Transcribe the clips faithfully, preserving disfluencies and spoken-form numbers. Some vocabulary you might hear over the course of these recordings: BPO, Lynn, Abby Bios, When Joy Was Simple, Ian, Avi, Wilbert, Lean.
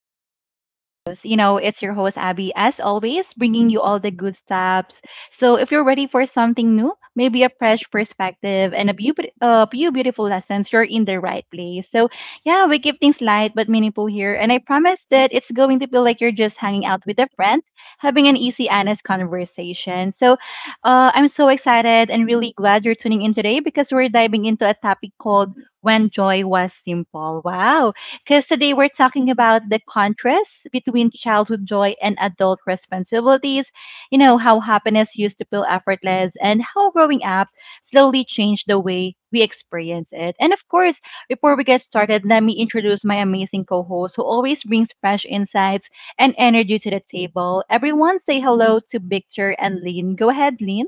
to Abby Bios. You know, it's your host, Abby, as always, bringing you all the good stuffs. So, if you're ready for something new, maybe a fresh perspective and a few, beau- a few beautiful lessons, you're in the right place. So, yeah, we keep things light but meaningful here, and I promise that it's going to feel like you're just hanging out with a friend, having an easy, honest conversation. So, uh, I'm so excited and really glad you're tuning in today because we're diving into a topic called when joy was simple. Wow. Because today we're talking about the contrast between childhood joy and adult responsibilities. You know, how happiness used to feel effortless and how growing up slowly changed the way we experience it. And of course, before we get started, let me introduce my amazing co host who always brings fresh insights and energy to the table. Everyone say hello to Victor and Lynn. Go ahead, Lynn.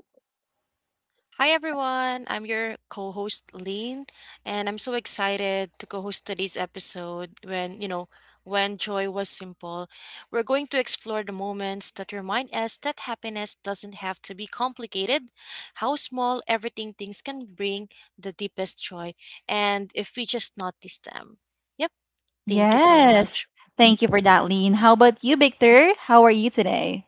Hi everyone, I'm your co host Lean, and I'm so excited to co host today's episode when, you know, when joy was simple. We're going to explore the moments that remind us that happiness doesn't have to be complicated, how small everything things can bring the deepest joy, and if we just notice them. Yep, thank you so much. Yes. Thank you for that, Lynn. How about you, Victor? How are you today?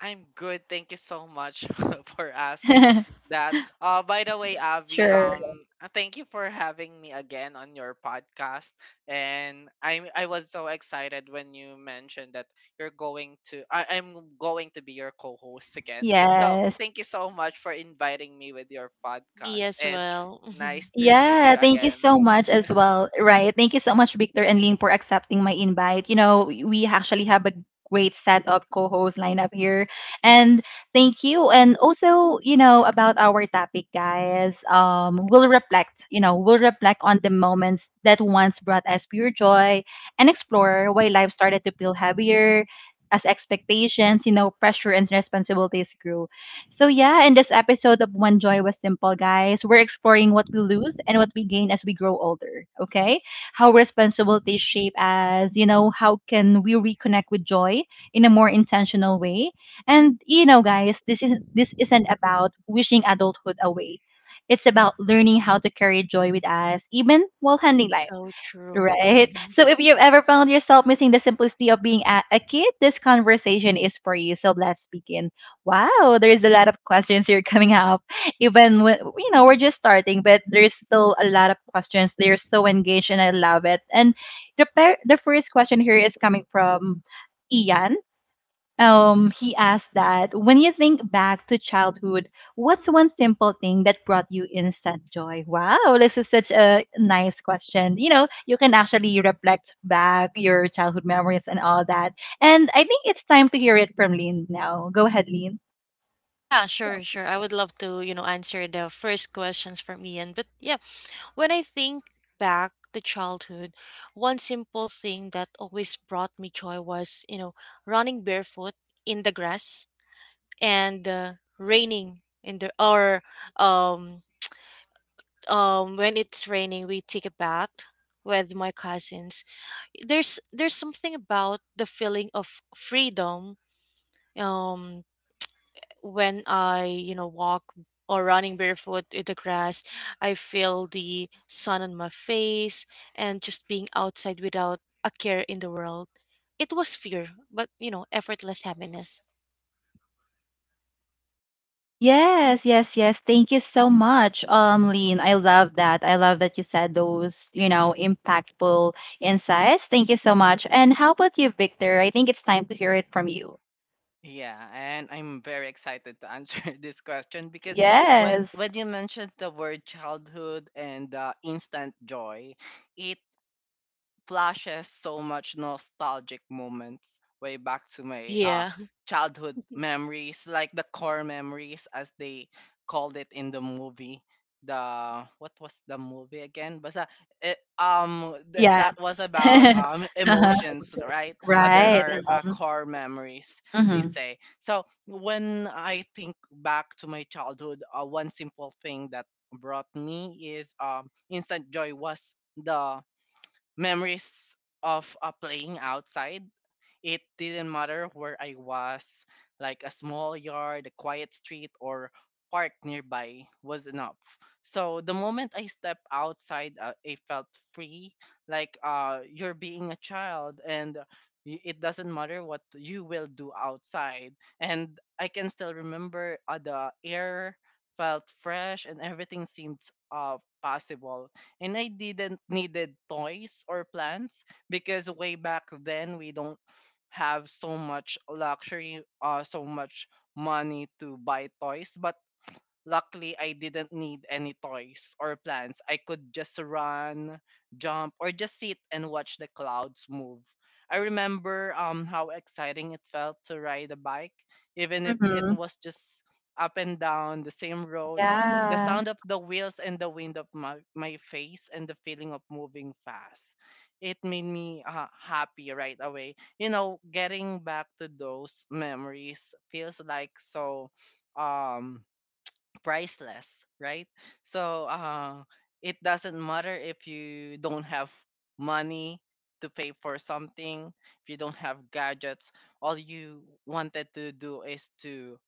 I'm good. Thank you so much for asking that. Uh, by the way, Avi, sure. um, uh, thank you for having me again on your podcast. And I, I was so excited when you mentioned that you're going to, I, I'm going to be your co-host again. So Yes. thank you so much for inviting me with your Me podcast, as and well. nice to meet Yeah, you thank you again, so Lynn. much as well. Right. Thank you so much, Victor and Ling, for accepting my invite. You know, we actually have a great set of co hosts lined up here. And thank you. And also, you know, about our topic, guys, um, we'll reflect, you know, we'll reflect on the moments that once brought us pure joy and explore why life started to feel heavier as expectations, you know, pressure and responsibilities grew. So, yeah, in this episode of When Joy Was Simple, guys, we're exploring what we lose and what we gain as we grow older, okay? How responsibilities shape us, you know, how can we reconnect with joy in a more intentional way? And, you know, guys, this is this isn't about wishing adulthood away. It's about learning how to carry joy with us even while handling life. So true. Right? Mm-hmm. So if you've ever found yourself missing the simplicity of being a, a kid, this conversation is for you. So let's begin. Wow, there's a lot of questions here coming up. Even when, you know, we're just starting, but there's still a lot of questions. They're so engaged and I love it. And the, per- the first question here is coming from Ian. Um, he asked that when you think back to childhood, what's one simple thing that brought you instant joy? Wow, this is such a nice question. You know, you can actually reflect back your childhood memories and all that. And I think it's time to hear it from Lynn now. Go ahead, Lynn. Yeah, sure, sure. I would love to, you know, answer the first questions from Ian. But yeah, when I think back to childhood, one simple thing that always brought me joy was, you know, running barefoot in the grass and uh, raining in the or um um when it's raining, we take a bath with my cousins. There's there's something about the feeling of freedom. Um when I, you know, walk or running barefoot in the grass, I feel the sun on my face and just being outside without a care in the world. It was fear, but you know, effortless happiness. Yes, yes, yes. Thank you so much, um, Lean. I love that. I love that you said those, you know, impactful insights. Thank you so much. And how about you, Victor? I think it's time to hear it from you. Yeah, and I'm very excited to answer this question because when Yes. when you mentioned the word childhood and uh, instant joy, it flashes so much nostalgic moments way back to my uh, Yeah. childhood memories, like the core memories as they called it in the movie. The what was the movie again? But it, um th- Yeah. that was about um Uh-huh. emotions, right? Uh, there Right. are uh, core memories they Mhm. say. So when I think back to my childhood, uh, one simple thing that brought me is um instant joy was the memories of uh, playing outside. It didn't matter where I was, like a small yard, a quiet street, or park nearby was enough. So the moment I stepped outside, uh, I felt free, like uh, you're being a child, and y- it doesn't matter what you will do outside. And I can still remember uh, the air felt fresh and everything seemed uh, possible. And I didn't needed toys or plants because way back then we don't have so much luxury, uh, so much money to buy toys, but luckily, I didn't need any toys or plans. I could just run, jump, or just sit and watch the clouds move. I remember um, how exciting it felt to ride a bike, even if it Mhm. was just up and down the same road. The Yeah. sound of the wheels and the wind of my, my face and the feeling of moving fast. It made me uh, happy right away. You know, getting back to those memories feels like so um priceless, right? So uh, it doesn't matter if you don't have money to pay for something, if you don't have gadgets, all you wanted to do is to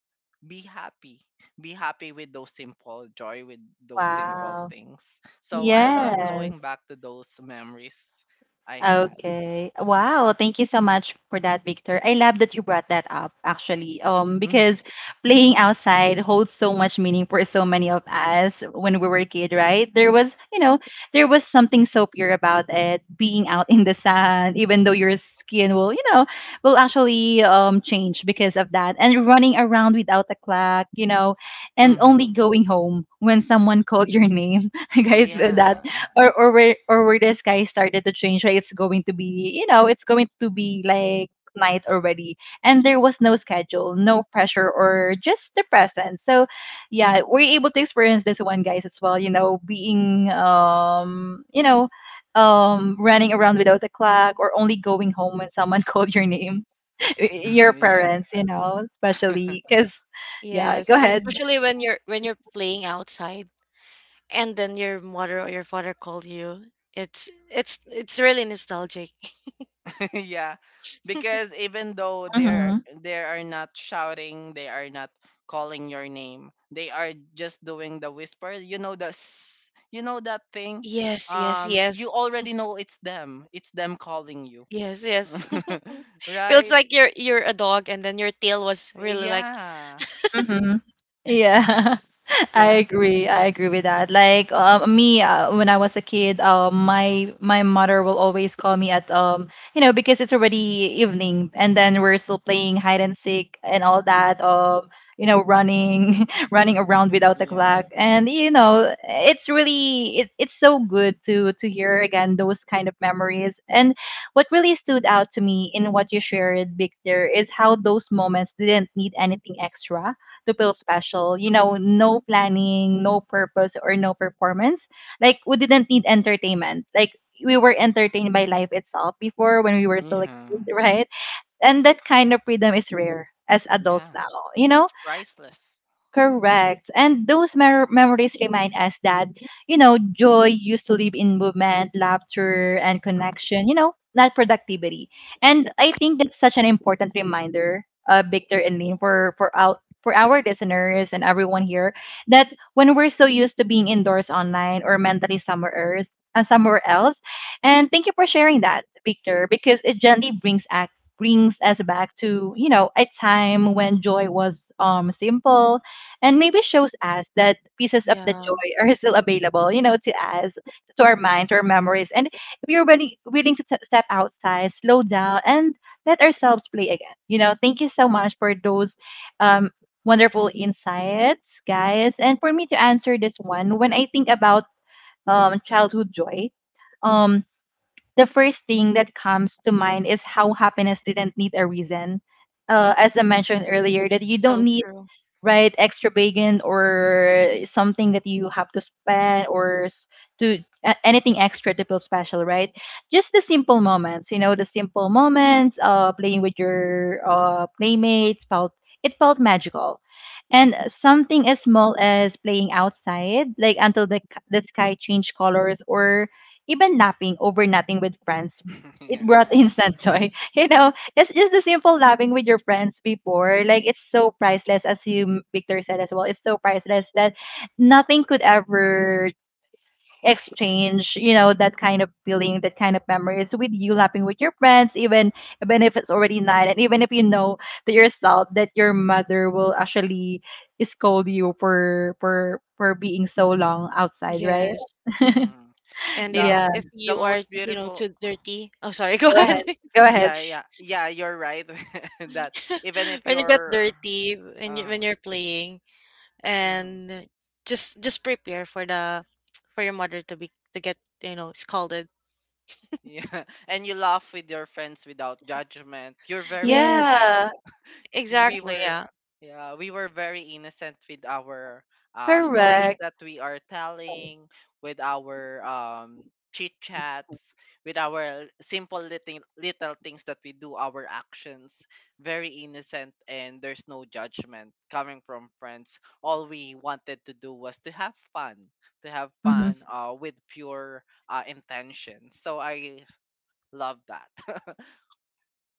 be happy. Be happy with those simple joy, with those simple Wow. things. So I love Yes. going back to those memories I had. Okay. Wow. Thank you so much for that, Victor. I love that you brought that up actually. Um, because Mm-hmm. playing outside holds so much meaning for so many of us when we were a kid, right? There was, you know, there was something so pure about it, being out in the sun, even though your skin will, you know, will actually um change because of that. And running around without a clock, you know, and only Mm-hmm. going home when someone called your name. Guys, that Yeah. or or where or where the sky started to change, right? It's going to be, you know, it's going to be like night already. And there was no schedule, no pressure, or just the presence. So yeah, we're able to experience this one, guys, as well, you know, being um you know um running around without a clock or only going home when someone called your name, your Yeah. parents, you know, especially because yeah go Yes, ahead. especially when you're when you're playing outside and then your mother or your father called you. It's it's it's really nostalgic. Yeah, because even though they're they are not shouting, they are not calling your name, they are just doing the whisper, you know, the s- you know that thing, Yes, yes, um you yes. already know it's them it's them calling you. Yes, yes. Feels Right. like you're you're a dog and then your tail was really like Yeah. Mhm. Yeah. I yeah, agree. I agree with that. Like uh, me, uh, when I was a kid, uh, my my mother will always call me at um, you know, because it's already evening, and then we're still playing hide and seek and all that. Um, you know, running, running around without a yeah clock, and you know, it's really it, it's so good to to hear again those kind of memories. And what really stood out to me in what you shared, Victor, is how those moments didn't need anything extra to feel special. You know, no planning, no purpose, or no performance. Like we didn't need entertainment. Like we were entertained by life itself before when we were still a yeah kid, right? And that kind of freedom is rare as adults yeah now. You know, it's priceless. correct. And those mer- memories remind us that, you know, joy used to live in movement, laughter, and connection, you know, not productivity. And I think that's such an important reminder, uh, Victor and Lynn, for, for, our, for our listeners and everyone here, that when we're so used to being indoors online or mentally somewhere else, uh, somewhere else, and thank you for sharing that, Victor, because it gently brings us brings us back to, you know, a time when joy was um simple, and maybe shows us that pieces of the yeah. joy are still available, you know, to us, to our mind, to our memories. And if you're willing, willing to t- step outside, slow down, and let ourselves play again, you know, thank you so much for those um, wonderful insights, guys. And for me to answer this one, when I think about um, childhood joy, um, the first thing that comes to mind is how happiness didn't need a reason. Uh, as I mentioned earlier, that you don't So need, true. right? Extra bacon or something that you have to spend or s- to a- anything extra to feel special, right? Just the simple moments, you know, the simple moments, uh, playing with your uh, playmates felt, it felt magical. And something as small as playing outside, like until the c- the sky changed colors, or even napping over nothing with friends, it Yeah. brought instant joy. You know, that's just the simple laughing with your friends before. Like it's so priceless, as you Victor said as well. It's so priceless that nothing could ever exchange. You know that kind of feeling, that kind of memories with you laughing with your friends, even even if it's already night, and even if you know to yourself that your mother will actually scold you for for for being so long outside, right? Yes. Mm. And The if yeah. if the you are, most you know, beautiful, too dirty, oh sorry, go Go ahead. uh-huh. ahead. Go ahead. yeah yeah yeah you're right. That even if When you get you're, dirty when you when uh-huh, you're playing hmm. and just just prepare for the for your mother to be to get, you know, scolded. Yeah. And you laugh with your friends without judgment. You're very Yes, innocent. Yeah. y- we exactly. were Yeah. yeah we were very innocent with our uh stories Correct. that we are telling, with our um chit chats, with our simple little little things that we do, our actions, very innocent, and there's no judgment coming from friends. All we wanted to do was to have fun to have Mm-hmm. fun uh with pure uh intention, so I love that.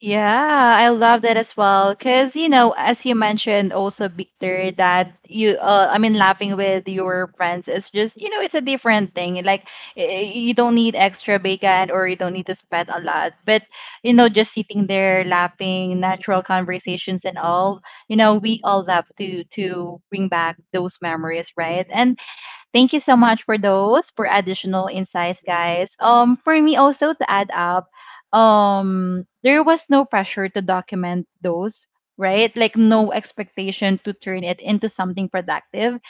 Yeah, I love that as well. Cause you know, as you mentioned also, Victor, that you, uh, I mean, laughing with your friends is just, you know, it's a different thing. Like y- you don't need extra bacon or you don't need to spend a lot. But you know, just sitting there laughing, natural conversations and all, you know, we all love to to bring back those memories, right? And thank you so much for those for additional insights, guys. Um, for me also to add up, um, there was no pressure to document those, right? Like no expectation to turn it into something productive,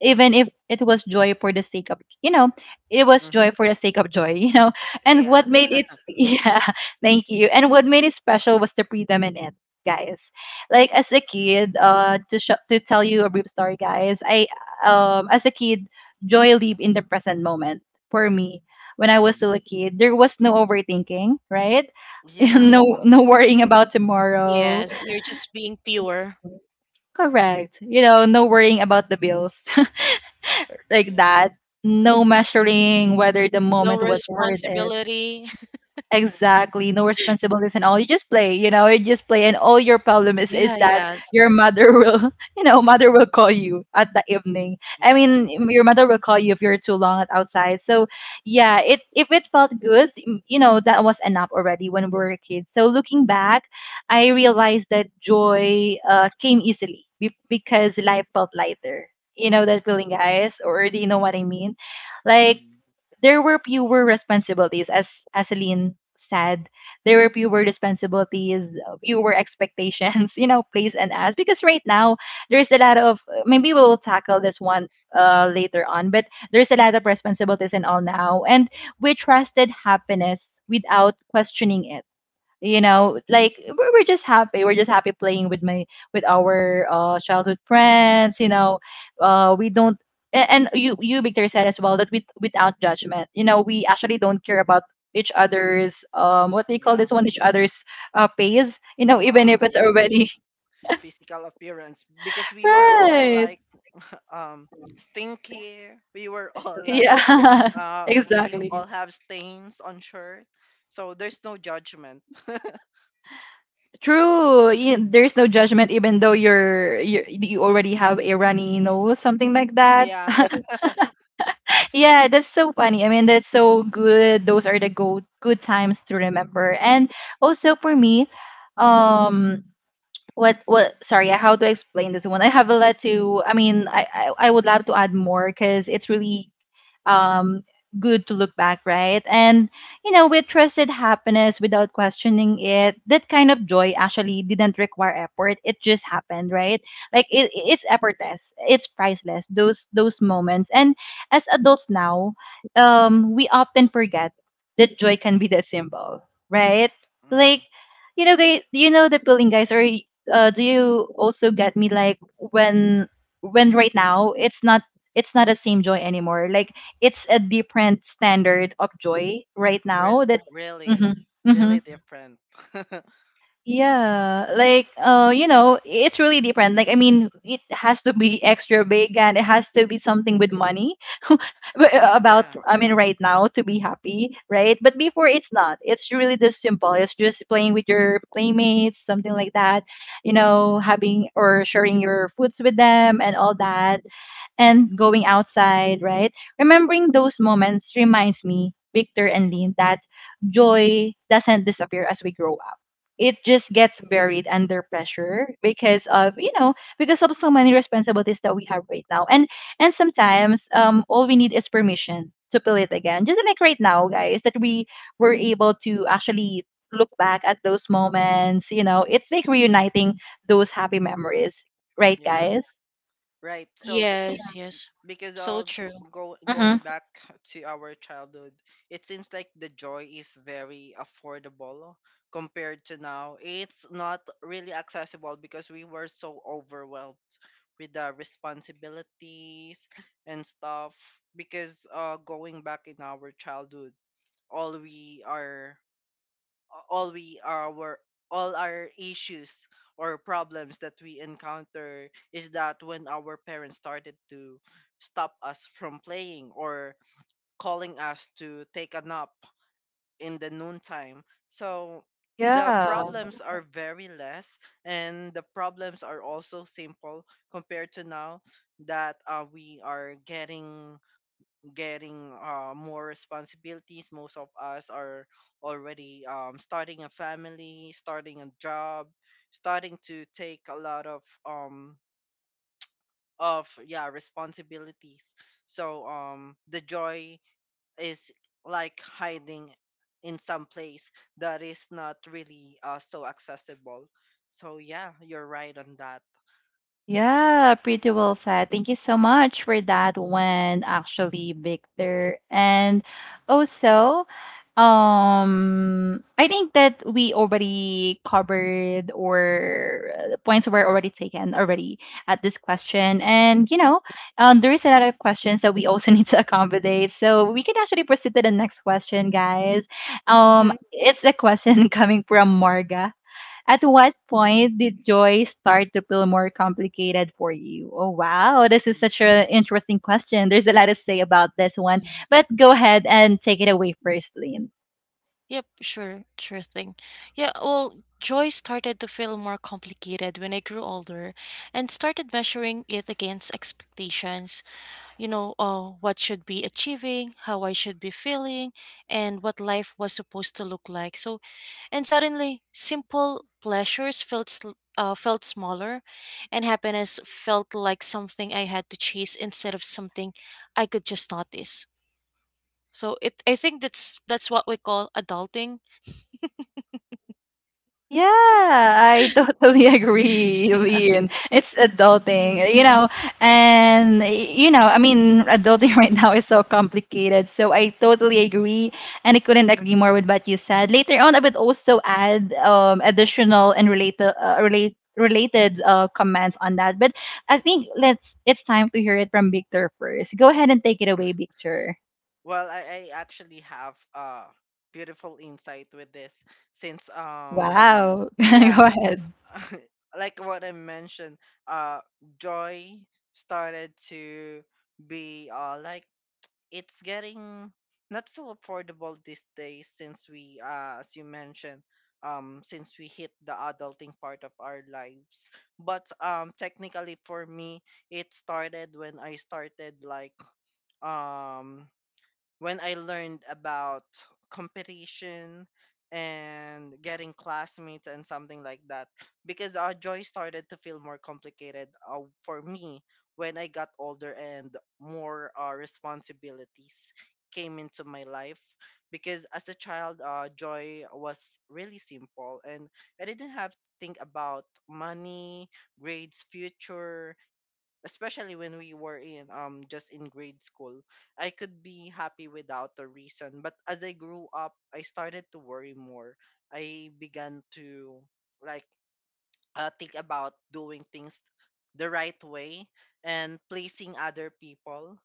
even if it was joy for the sake of, you know, it was Mhm. joy for the sake of joy, you know. And what Yeah. made it, yeah, thank you. And what made it special was the freedom in it, guys. Like as a kid, uh to sh- to tell you a brief story, guys, I um as a kid, joy live in the present moment for me. When I was Mhm. still a kid, there was no overthinking, right? Yeah. no no worrying about tomorrow, Yes, you're just being pure. correct, you know, no worrying about the bills, like Yeah. that. No measuring whether the No moment was worth it. responsibility. Exactly. No responsibilities and all. You just play, you know, you just play and all your problem is Yeah, is that yes. your mother will, you know, mother will call you at the evening. I Yeah. mean, your mother will call you if you're too long at outside. So, yeah, it if it felt good, m- you know, that was enough already when we were kids. So, looking back, I realized that joy uh, came easily be- because life felt lighter. You know that feeling, guys, or do you know what I mean? Like Mhm. there were fewer responsibilities as as Celine said there were fewer responsibilities uh, fewer expectations you know placed on us because right now there's a lot of, maybe we'll tackle this one uh later on, but there's a lot of responsibilities and all now. And we trusted happiness without questioning it, you know, like we're, we're just happy, we're just happy playing with my, with our uh childhood friends, you know. Uh we don't a- and you you Victor, said as well that with without judgment, you know, we actually don't care about each other's, um what do you call this Yeah. one, each other's uh pays, you know, even if Uh it's Yeah, already physical appearance, because we were all right, like um stinky. We were all like, yeah uh, we exactly all have stains on shirt. So there's no judgment. true. You, there's no judgment even though you're you, you already have a runny nose, something like that. Yeah. Yeah, that's so funny. I mean, that's so good. Those are the go good times to remember. And also for me, um, what what? Sorry, how to explain this one? I have a lot to. I mean, I I, I would love to add more because it's really um, good to look back, right? And, you know, we trusted happiness without questioning it. That kind of joy actually didn't require effort. It just happened, right? Like it, it's effortless. It's priceless. Those those moments. And as adults now, um, we often forget that joy can be that simple, right? Like, Mhm. you know, guys, you know the feeling, guys, or uh, do you also get me, like when when right now it's not, it's not the same joy anymore. Like it's a different standard of joy right Re- now that. Really hmm hmm really different. yeah, like uh you know, it's really different. Like I mean, it has to be extra big, and it has to be something with money, but, uh, about, Yeah. I mean, right now to be happy, right? But before it's not, it's really just simple, it's just playing with your playmates, something like that, you know, having or sharing your foods with them and all Mhm. that and going outside, right? Remembering those moments reminds me, Victor and Lynn, that joy doesn't disappear as we grow up. It just gets buried under pressure because of, you know, because of so many responsibilities that we have right now. And and sometimes um all we need is permission to feel it again. Just like right now, guys, that we were able to actually look back at those moments. You know, it's like reuniting those happy memories, right Yeah. guys? Right. So Yes, yes. because So uh go, true. go Mm-hmm. going back to our childhood, it seems like the joy is very affordable, no? Compared to now, it's not really accessible because we were so overwhelmed with the responsibilities and stuff, because uh going back in our childhood, all we are all we our all our issues or problems that we encounter is that when our parents started to stop us from playing or calling us to take a nap in the noontime. So the Yeah. problems are very less, and the problems are also simple compared to now that uh, we are getting getting uh, more responsibilities. Most of us are already um, starting a family, starting a job, starting to take a lot of um of yeah responsibilities. So um the joy is like hiding in some place that is not really uh, so accessible. So yeah, you're right on that. Yeah, pretty well said. Thank you so much for that one, actually, Victor. And also, um, I think that we already covered or uh, the points were already taken already at this question. And you know, um, there is another questions that we also need to accommodate. So we can actually proceed to the next question, guys. Um, Mm-hmm. It's a question coming from Marga. At what point did joy start to feel more complicated for you? Oh, wow. This is Mm. such an interesting question. There's a lot to say about this one, but go ahead and take it away first, Lynn. Yep, sure, sure thing. Yeah, well, joy started to feel more complicated when I grew older and started measuring it against expectations. You know, uh, what should be achieving, how I should be feeling, and what life was supposed to look like. So, and suddenly, simple pleasures felt sl- uh, felt smaller, and happiness felt like something I had to chase instead of something I could just notice. So it, I think that's that's what we call adulting. Y- Yeah, I totally agree, Ian. It's Mm, adulting, you know, and you know, I mean, adulting right now is so complicated. So I totally agree, and I couldn't agree more with what you said. Later on, I would also add um additional and related uh, relate related uh comments on that. But I think let's it's time to hear it from Victor first. Go ahead and take it away, Victor. Well, I, I actually have a beautiful insight with this since um Wow, yeah. go ahead. Like what I mentioned, uh, joy started to be uh like it's getting not so affordable these days since we uh as you mentioned, um since we hit the adulting part of our lives. But um technically for me, it started when I started like, um when I learned about competition and getting classmates and something like that. Because uh, joy started to feel more complicated uh, for me when I got older and more uh, responsibilities came into my life, because as a child, uh, joy was really simple and I didn't have to think about money, grades, future, especially when we were in um just in grade school. I could be happy without a reason, but as I grew up I started to worry more. I began to like, uh, think about doing things the right way and pleasing other people.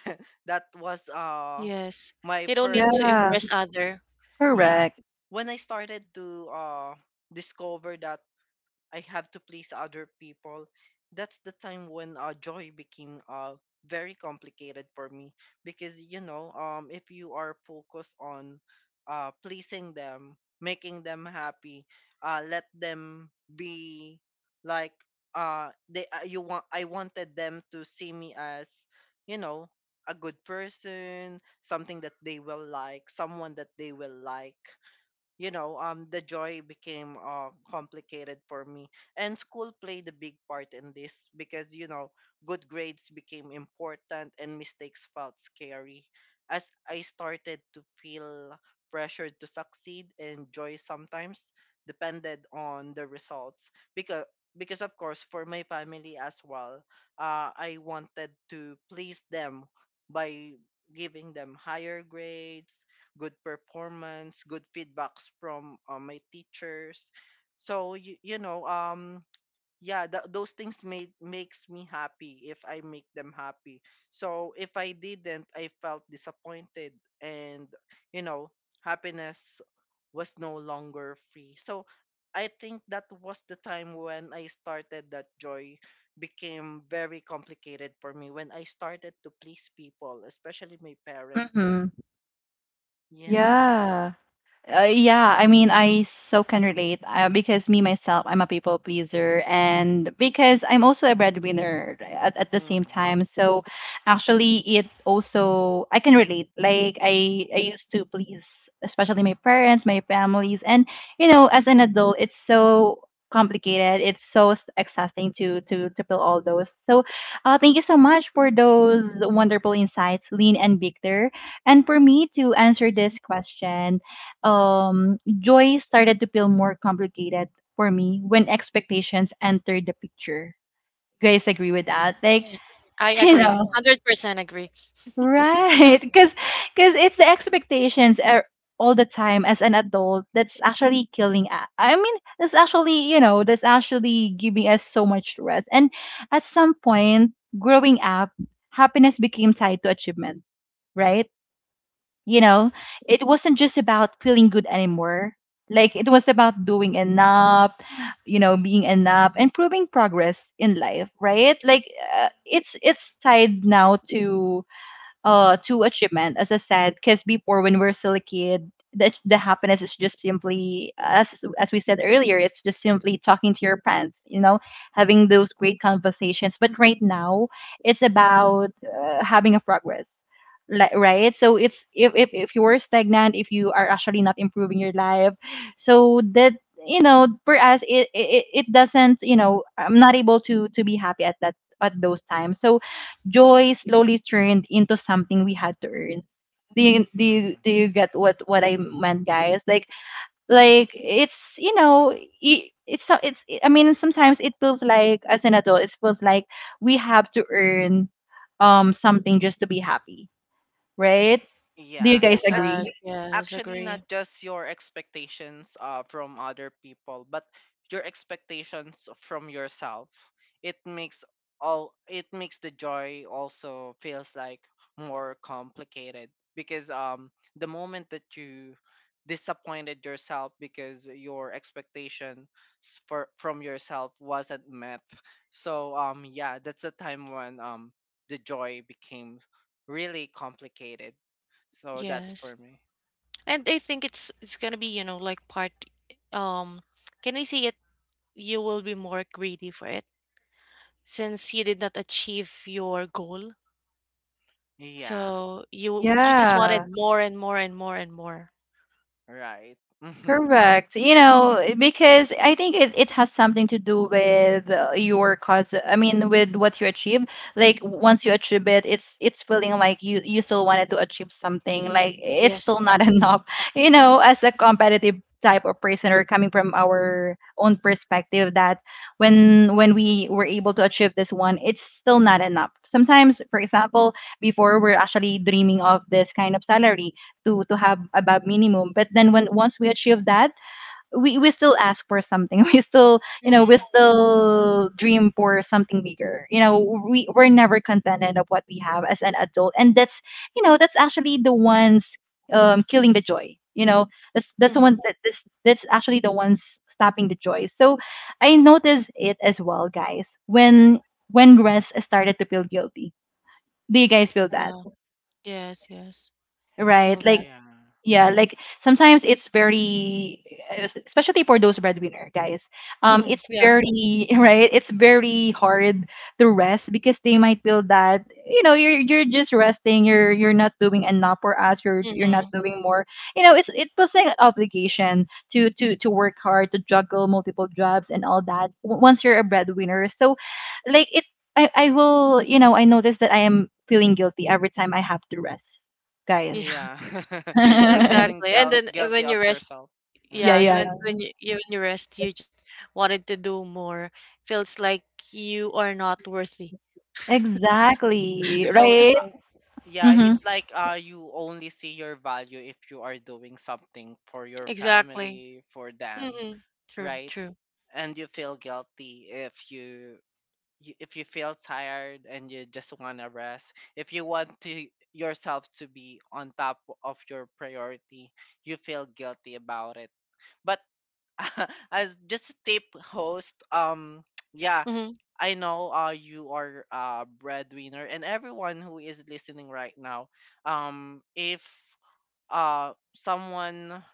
That was uh yes. my You don't need first, to Yeah, impress other. yeah, correct. when I started to uh discover that I have to please other people. That's the time when uh, joy became uh, very complicated for me, because you know, um, if you are focused on uh, pleasing them, making them happy, uh, let them be like, uh, they uh, you want I wanted them to see me as, you know, a good person, something that they will like, someone that they will like, you know, um, the joy became uh, complicated for me. And school played a big part in this because, you know, good grades became important and mistakes felt scary. As I started to feel pressured to succeed and joy sometimes depended on the results, because because of course for my family as well, uh, I wanted to please them by giving them higher grades, good performance, good feedbacks from uh, my teachers. So you, you know, um, yeah, th- those things made makes me happy if I make them happy. So if I didn't, I felt disappointed, and you know, happiness was no longer free. So I think that was the time when I started that joy became very complicated for me when I started to please people, especially my parents. Mm-hmm. Yeah. Yeah. Uh, yeah, I mean, I so can relate uh, because me myself, I'm a people pleaser, and because I'm also a breadwinner at, at the same Mm-hmm. time. So actually, it also I can relate. Like I I used to please, especially my parents, my families, and you know, as an adult, it's so complicated. It's so s- exhausting to to to fill all those. So, uh, thank you so much for those wonderful insights, Lean and Victor. And for me to answer Mhm. this question, um, joy started to feel more complicated for me when expectations entered the picture. You guys agree with that? Like, Yes, I you Mhm. agree. know, one hundred percent agree. Yeah. right? Because because it's the expectations are all the time as an adult that's actually killing us. I mean, that's actually, you know, that's actually giving us so much stress. And at some point, growing up, happiness became tied to achievement, right? You know, it wasn't just about feeling good anymore. Like it was about doing enough, you know, being enough and proving progress in life, right? Like uh, it's it's tied now to uh to achievement, as I said. Because before when we're still a kid, the, the happiness is just simply as as we said earlier, it's just simply talking to your friends, you know, having those great conversations. But right now it's about uh, having a progress, like, right? So it's if, if if you are stagnant, if you are actually not improving your life, so that you know, for us, it it, it it doesn't, you know, I'm not able to to be happy at that, at those times. So joy slowly turned into something we had to earn. Do you do you, Mm. do you get what what I meant, guys? Like like it's, you know, it it's so, it's, I mean, sometimes it feels like as an adult it feels like we have to earn um something just to be happy, right? Do you Yeah. guys That agree? Yes, yes, actually agree. not just your expectations uh, from other people, but your expectations from yourself. It makes all it makes the joy also feels like more complicated, because um the moment that you disappointed yourself because your expectation s- for from yourself wasn't met, so um yeah, that's the time when um the joy became really complicated. So that's Yes. for me. And I think it's it's gonna be, you know, like part um can I say it? You will be more greedy for it since you did not achieve your goal. Yeah, So you you just Yeah. wanted more and more and more and more. right. Hmm. Correct. You know, because I think it, it has something to do with uh, your cause. I mean, with what you achieve. Like once you achieve it, it's it's feeling like you you still wanted to achieve something. Mhm. Like it's still Yes. not enough. You know, as a competitive type of person or coming from our own perspective that when when we were able to achieve this one, it's still not enough sometimes. For example, before we're actually dreaming of this kind of salary to to have about minimum, but then when once we achieve that, we we still ask for something, we still, you know, we Mm-hmm. still dream for something bigger. You know, we we're never contented of what we have as an adult. And that's, you know, that's actually the ones um killing the joy, you know, that's that's the one Hmm. that this, that's actually the ones stopping the joy. So I noticed it as well, guys, when when Grace started to feel guilty, do you guys feel that, Yeah. Yes, yes. I feel right? that. Like Yeah. Yeah, like sometimes it's very, eh, es- especially for those breadwinner guys, um, Mhm. it's Yeah. very right. It's very hard to rest, because they might feel that, you know, you're you're just resting. You're you're not doing enough for us. You're you're not Mhm. doing more. You know, it's it was like an obligation to to to work hard, to juggle multiple jobs and all that. w- Once you're a breadwinner. So like it, I I will, you know, I notice that I am feeling guilty every time I have to rest, guys. Yeah. Yeah. You're feeling Exactly. And guil- then uh, guilty when you of rest, yourself. Yeah, Uh-huh. yeah, you when yeah. when you, you when you rest, you just wanted to do more. Feels like you are not worthy. Exactly, So, right? uh, yeah, Mhm. it's like uh you only see your value if you are doing something for your Exactly. family, for them, Mhm. True, right? true. And you feel guilty if you you- if you feel tired and you just want to rest. If you want to yourself to be on top of your priority, you feel guilty about it. But as just a tip host, um yeah, Mhm. I know uh you are a breadwinner and everyone who is listening right now, um if uh someone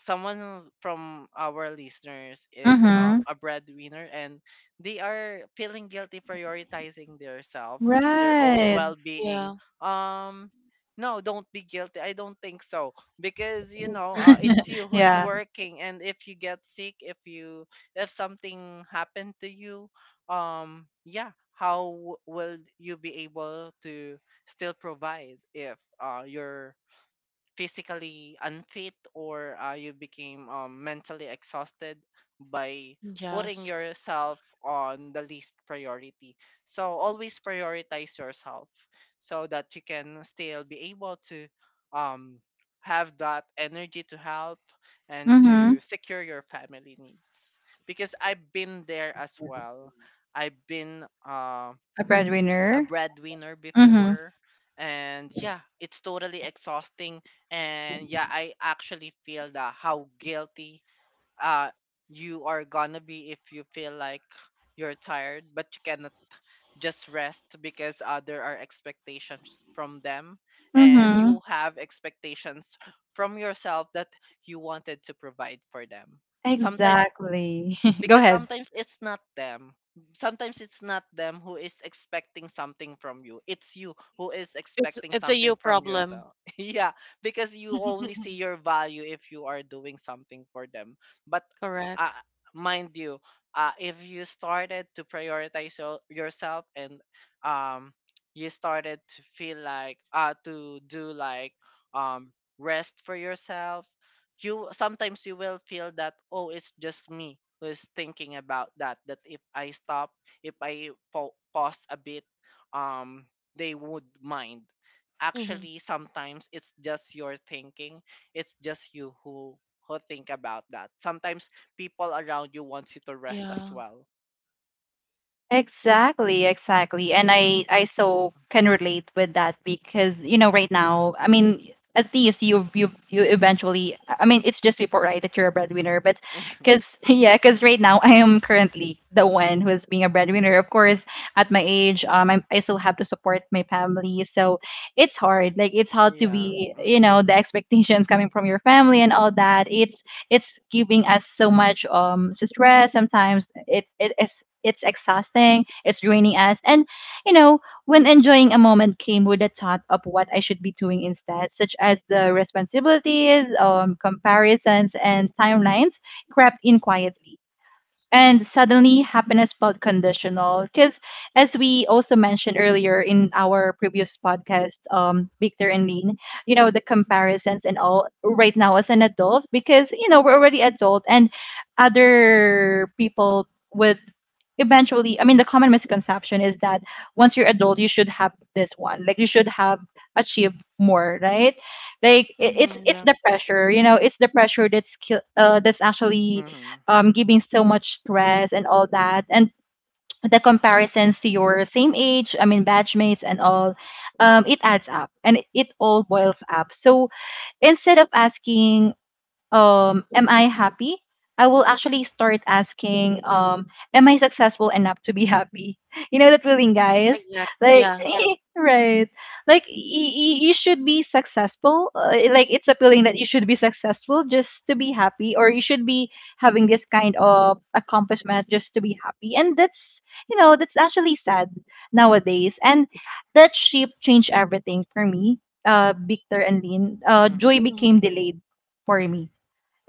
someone who's from our listeners is um, Mhm. a breadwinner and they are feeling guilty prioritizing their self, their own Right. Mhm. well-being, Yeah. um no, don't be guilty. I don't think so, because you know, uh, it's you who's Yeah. working, and if you get sick, if you, if something happened to you, um yeah, how w- will you be able to still provide if uh, you're physically unfit or uh, you became um, mentally exhausted by putting Yes. yourself on the least priority. So always prioritize yourself so that you can still be able to um, have that energy to help and Mhm. to secure your family needs. Because I've been there as well. I've been uh, A a breadwinner. breadwinner Mhm. before, and yeah, it's totally exhausting. And yeah, I actually feel that how guilty uh you are gonna be if you feel like you're tired but you cannot just rest because uh, there are expectations from them and you Mhm. have expectations from yourself that you wanted to provide for them sometimes, Exactly. Go because ahead. sometimes it's not them. Sometimes it's not them who is expecting something from you. It's you who is It's expecting it's a you something from problem. yourself. Yeah, because you only see your value if you are doing something for them. But Correct. uh, mind you, uh, if you started to prioritize your, yourself and um, you started to feel like uh, to do like um, rest for yourself, you sometimes you will feel that, oh, it's just me who is thinking about that that if I stop, if I pa- pause a bit, um they would mind. Mhm. Actually, sometimes it's just your thinking. It's just you who who think about that. Sometimes people around you wants you to rest as Yeah. well. Exactly, exactly. And I I so can relate with that because you know right now, I mean, at least you you you eventually, I mean, it's just before right that you're a breadwinner, but cuz yeah, cuz right now I am currently the one who is being a breadwinner. Of course, at my age, um I I still have to support my family. So, it's hard. Like it's hard to Yeah. be, you Mm-hmm. know, the expectations coming from your family and all that. It's it's giving us so much um stress, sometimes it's it is, it's exhausting, it's draining Mhm. us. And you know, when enjoying a moment came with the thought of what I should be doing instead, such as the responsibilities, um comparisons and timelines crept in quietly, and suddenly happiness felt conditional. Because as we also mentioned earlier in our previous podcast, um Victor and Lean, you know, the comparisons and all right now as an adult, because you know we're already adult. And other people would eventually, I mean, the common misconception is that once you're adult you should have this one, like you should have achieved more, right? Like it, it's Mhm. it's Yeah. the pressure, you know, it's the pressure that's kill- uh, that's actually Mm-hmm. um, giving so much stress and all that. And the comparisons to your same age, I mean, batch mates and all, um, it adds up and it all boils up. So instead of asking, um am I happy, I will actually start asking, um am I successful enough to be happy? You know that feeling, Mhm. guys? Exactly. Like Yeah. right, like y- y- you should be successful. Uh, like it's a feeling that you should be successful just to be happy, or you should be having this kind of accomplishment just to be happy. And that's, you know, that's actually sad nowadays. And that shift changed everything for me. Uh victor and Lynn, uh joy Mm-hmm. Mhm. became delayed for me,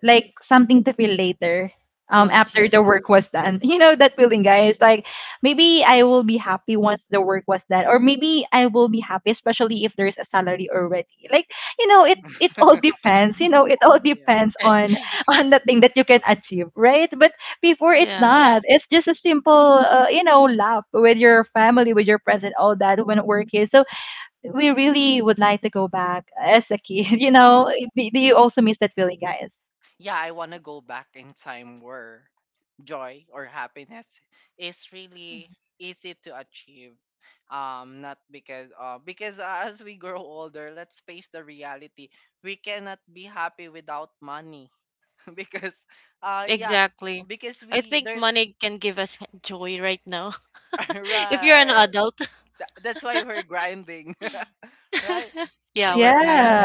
like something to feel later, um Yes, after yes. the work was done. You know that feeling, guys? Like maybe I will be happy once the work was done, or maybe I will be happy especially if there's a salary already. Like, you know, it it all depends, you Yeah, know, it all yeah, depends on on the thing that you can achieve, right? But before, it's Yeah. not, it's just a simple, uh, you know, laugh with your family, with your present, all that, when work is so, we really would like to go back as a kid. You yeah. know, do, do you also miss that feeling, guys? Yeah, I want to go back in time where joy or happiness is really easy to achieve. Um, not because uh, because as we grow older, let's face the reality. We cannot be happy without money. Because, uh, yeah, Exactly. because I we think there's... money can give us joy right now. If you're an Right. adult. Tha- that's why we're grinding, right? Yeah, we're Because grinding. Yeah,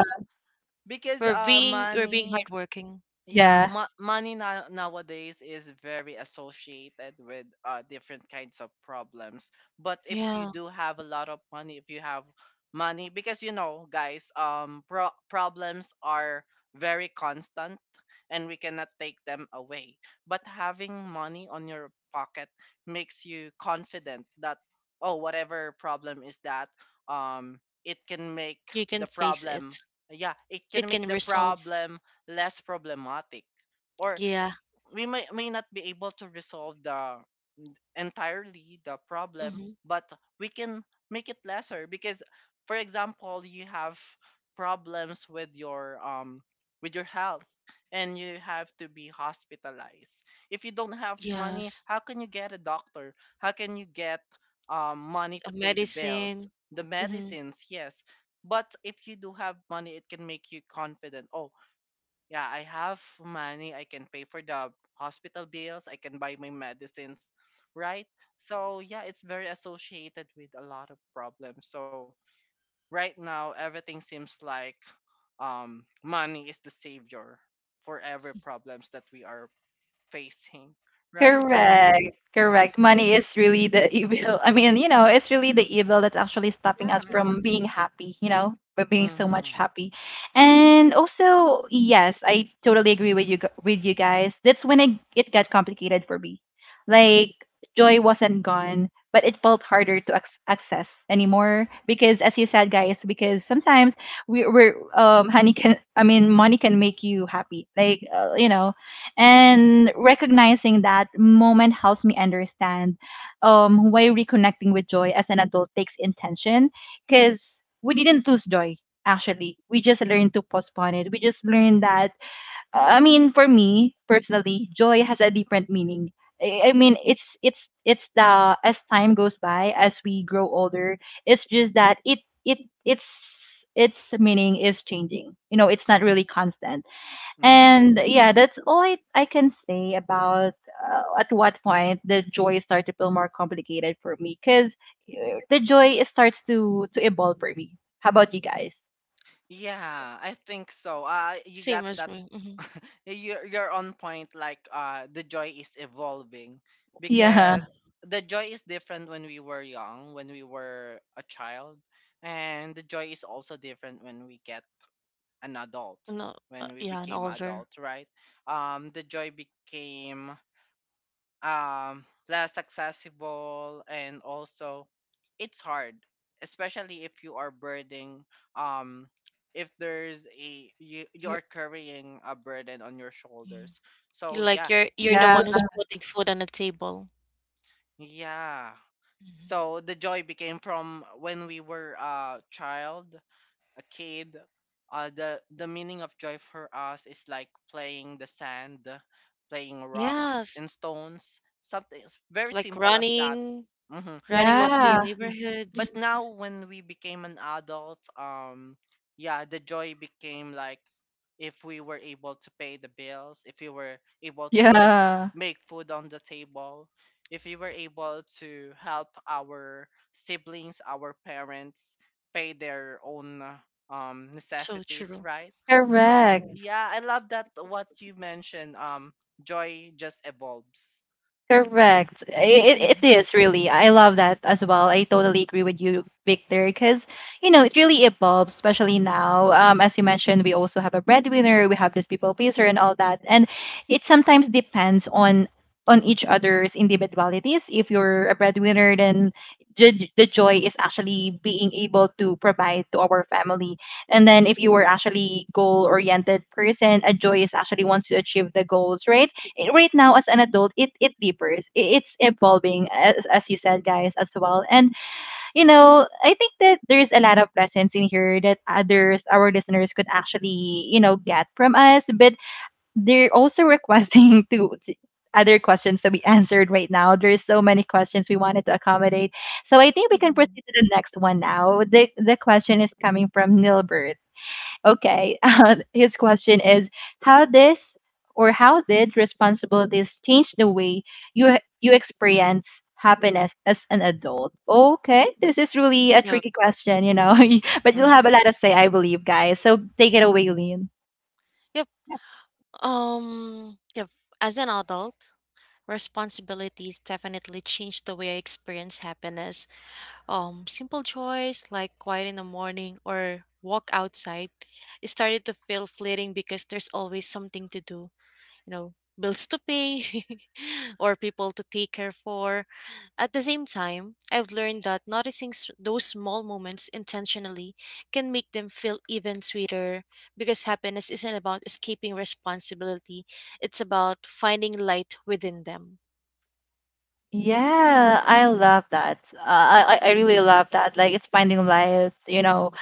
because We're uh being we're being money... hardworking. Yeah, yeah. mo- money now nowadays is very associated with uh different kinds of problems. But if you Yeah, do have a lot of money, if you have money, because you know, guys, um, pro- problems are very constant, and we cannot take them away. But having money on your pocket makes you confident that, oh, whatever problem is that, um, it can make you can the face problem. it. Yeah, it It can make can the resolve. problem less problematic, or Yeah. we may may not be able to resolve the entirely the problem, hmm but we can make it lesser because, for example, you have problems with your um with your health and you have to be hospitalized. If you don't have money, Yes. how can you get a doctor? How can you get um, money A to pay the bills, medicine. the hmm medicines? Yes, but if you do have money, it can make you confident. Oh, yeah, I have money. I can pay for the hospital bills. I can buy my medicines, right? So yeah, it's very associated with a lot of problems. So right now, everything seems like um, money is the savior for every problems that we are facing, right? Yeah. Correct. Correct. Money is really the evil. I mean, you know, it's really the evil that's actually stopping us Yeah. from being happy, you know, but being so much Mm-hmm. happy. And also, yes, I totally agree with you gu- with you guys. That's when it, it got complicated for me. Like joy wasn't gone, but it felt harder to ac access anymore, because as you said, guys, because sometimes we, we're um honey can I mean money can make you happy. Like, uh, you know, and recognizing that moment helps me understand um, why reconnecting with joy as an adult takes intention. Because we didn't lose joy, actually. We just learned to postpone it. We just learned that, I mean, for me personally, joy has a different meaning. I I mean, it's it's it's the as time goes by, as we grow older, it's just that it it it's its meaning is changing. You know, it's not really constant. And yeah, that's all I, I can say about uh, at what point the joy started to feel more complicated for me, because the joy starts to to evolve for me. How about you guys? Yeah, I think so. Uh, you Same got as that. me. Mm-hmm. you're you're on point. Like uh, the joy is evolving Yeah, because the joy is different when we were young, when we were a child, and the joy is also different when we get an adult, No, uh, when we yeah, an became older. adult, right? Um, the joy became um, less accessible, and also it's hard, especially if you are burdening. Um, if there's a you, you You're, are carrying a burden on your mm. shoulders. So You're like yeah, you're you're the yeah, one who's putting food on the table. yeah. hmm So the joy became from when we were a child, a kid. Uh, the the meaning of joy for us is like playing the sand, playing rocks Yes, and stones, something s- very like simple as that. running, Hmm. running But with the yeah, neighborhoods. but now when we became an adult, um yeah, the joy became like if we were able to pay the bills, if we were able to yeah. make food on the table, if we were able to help our siblings, our parents pay their own uh, um So necessities, true. right? So Correct. yeah, I love that what you mentioned. Um joy just evolves. Correct. It, it Mhm. is really. I love that as well. I totally agree with you, Victor, because, you know, it really evolves, especially now. Um, as you mentioned, we also have a breadwinner, we have this people pleaser and all that. And it sometimes depends on on each other's individualities. If you're a breadwinner, then the, the joy is actually being able to provide to our family. And then if you were actually goal-oriented person, a joy is actually wants to achieve the goals, right? Eh, right now as an adult it it differs. I- it's evolving as, as you said, guys, as well. And you know, I think that there's a lot of lessons in here that others, our listeners, could actually, you know, get from us. But they're also requesting to, to other questions to be answered. Right now there's so many questions we wanted to accommodate, so I think we can proceed Mhm. to the next one. Now, the the question is coming from Nilbert. Okay. His question is, how this, or how did responsibilities change the way you you experience happiness as an adult? Okay, this is really a Look, tricky question, you know. But you'll Mm. have a lot to say, I believe, guys. So take it away, Lean. yep. Um, yep. As an adult, responsibilities definitely changed the way I experience happiness. Um, simple joys like quiet in the morning or walk outside it started to feel fleeting because there's always something to do. You know, bills to pay or people to take care for. At the same time, I've learned that noticing s- those small moments intentionally can make them feel even sweeter because happiness isn't about escaping responsibility, it's about finding light within them. Yeah, I love that. Uh, I I I really love that. Like it's finding life, you know,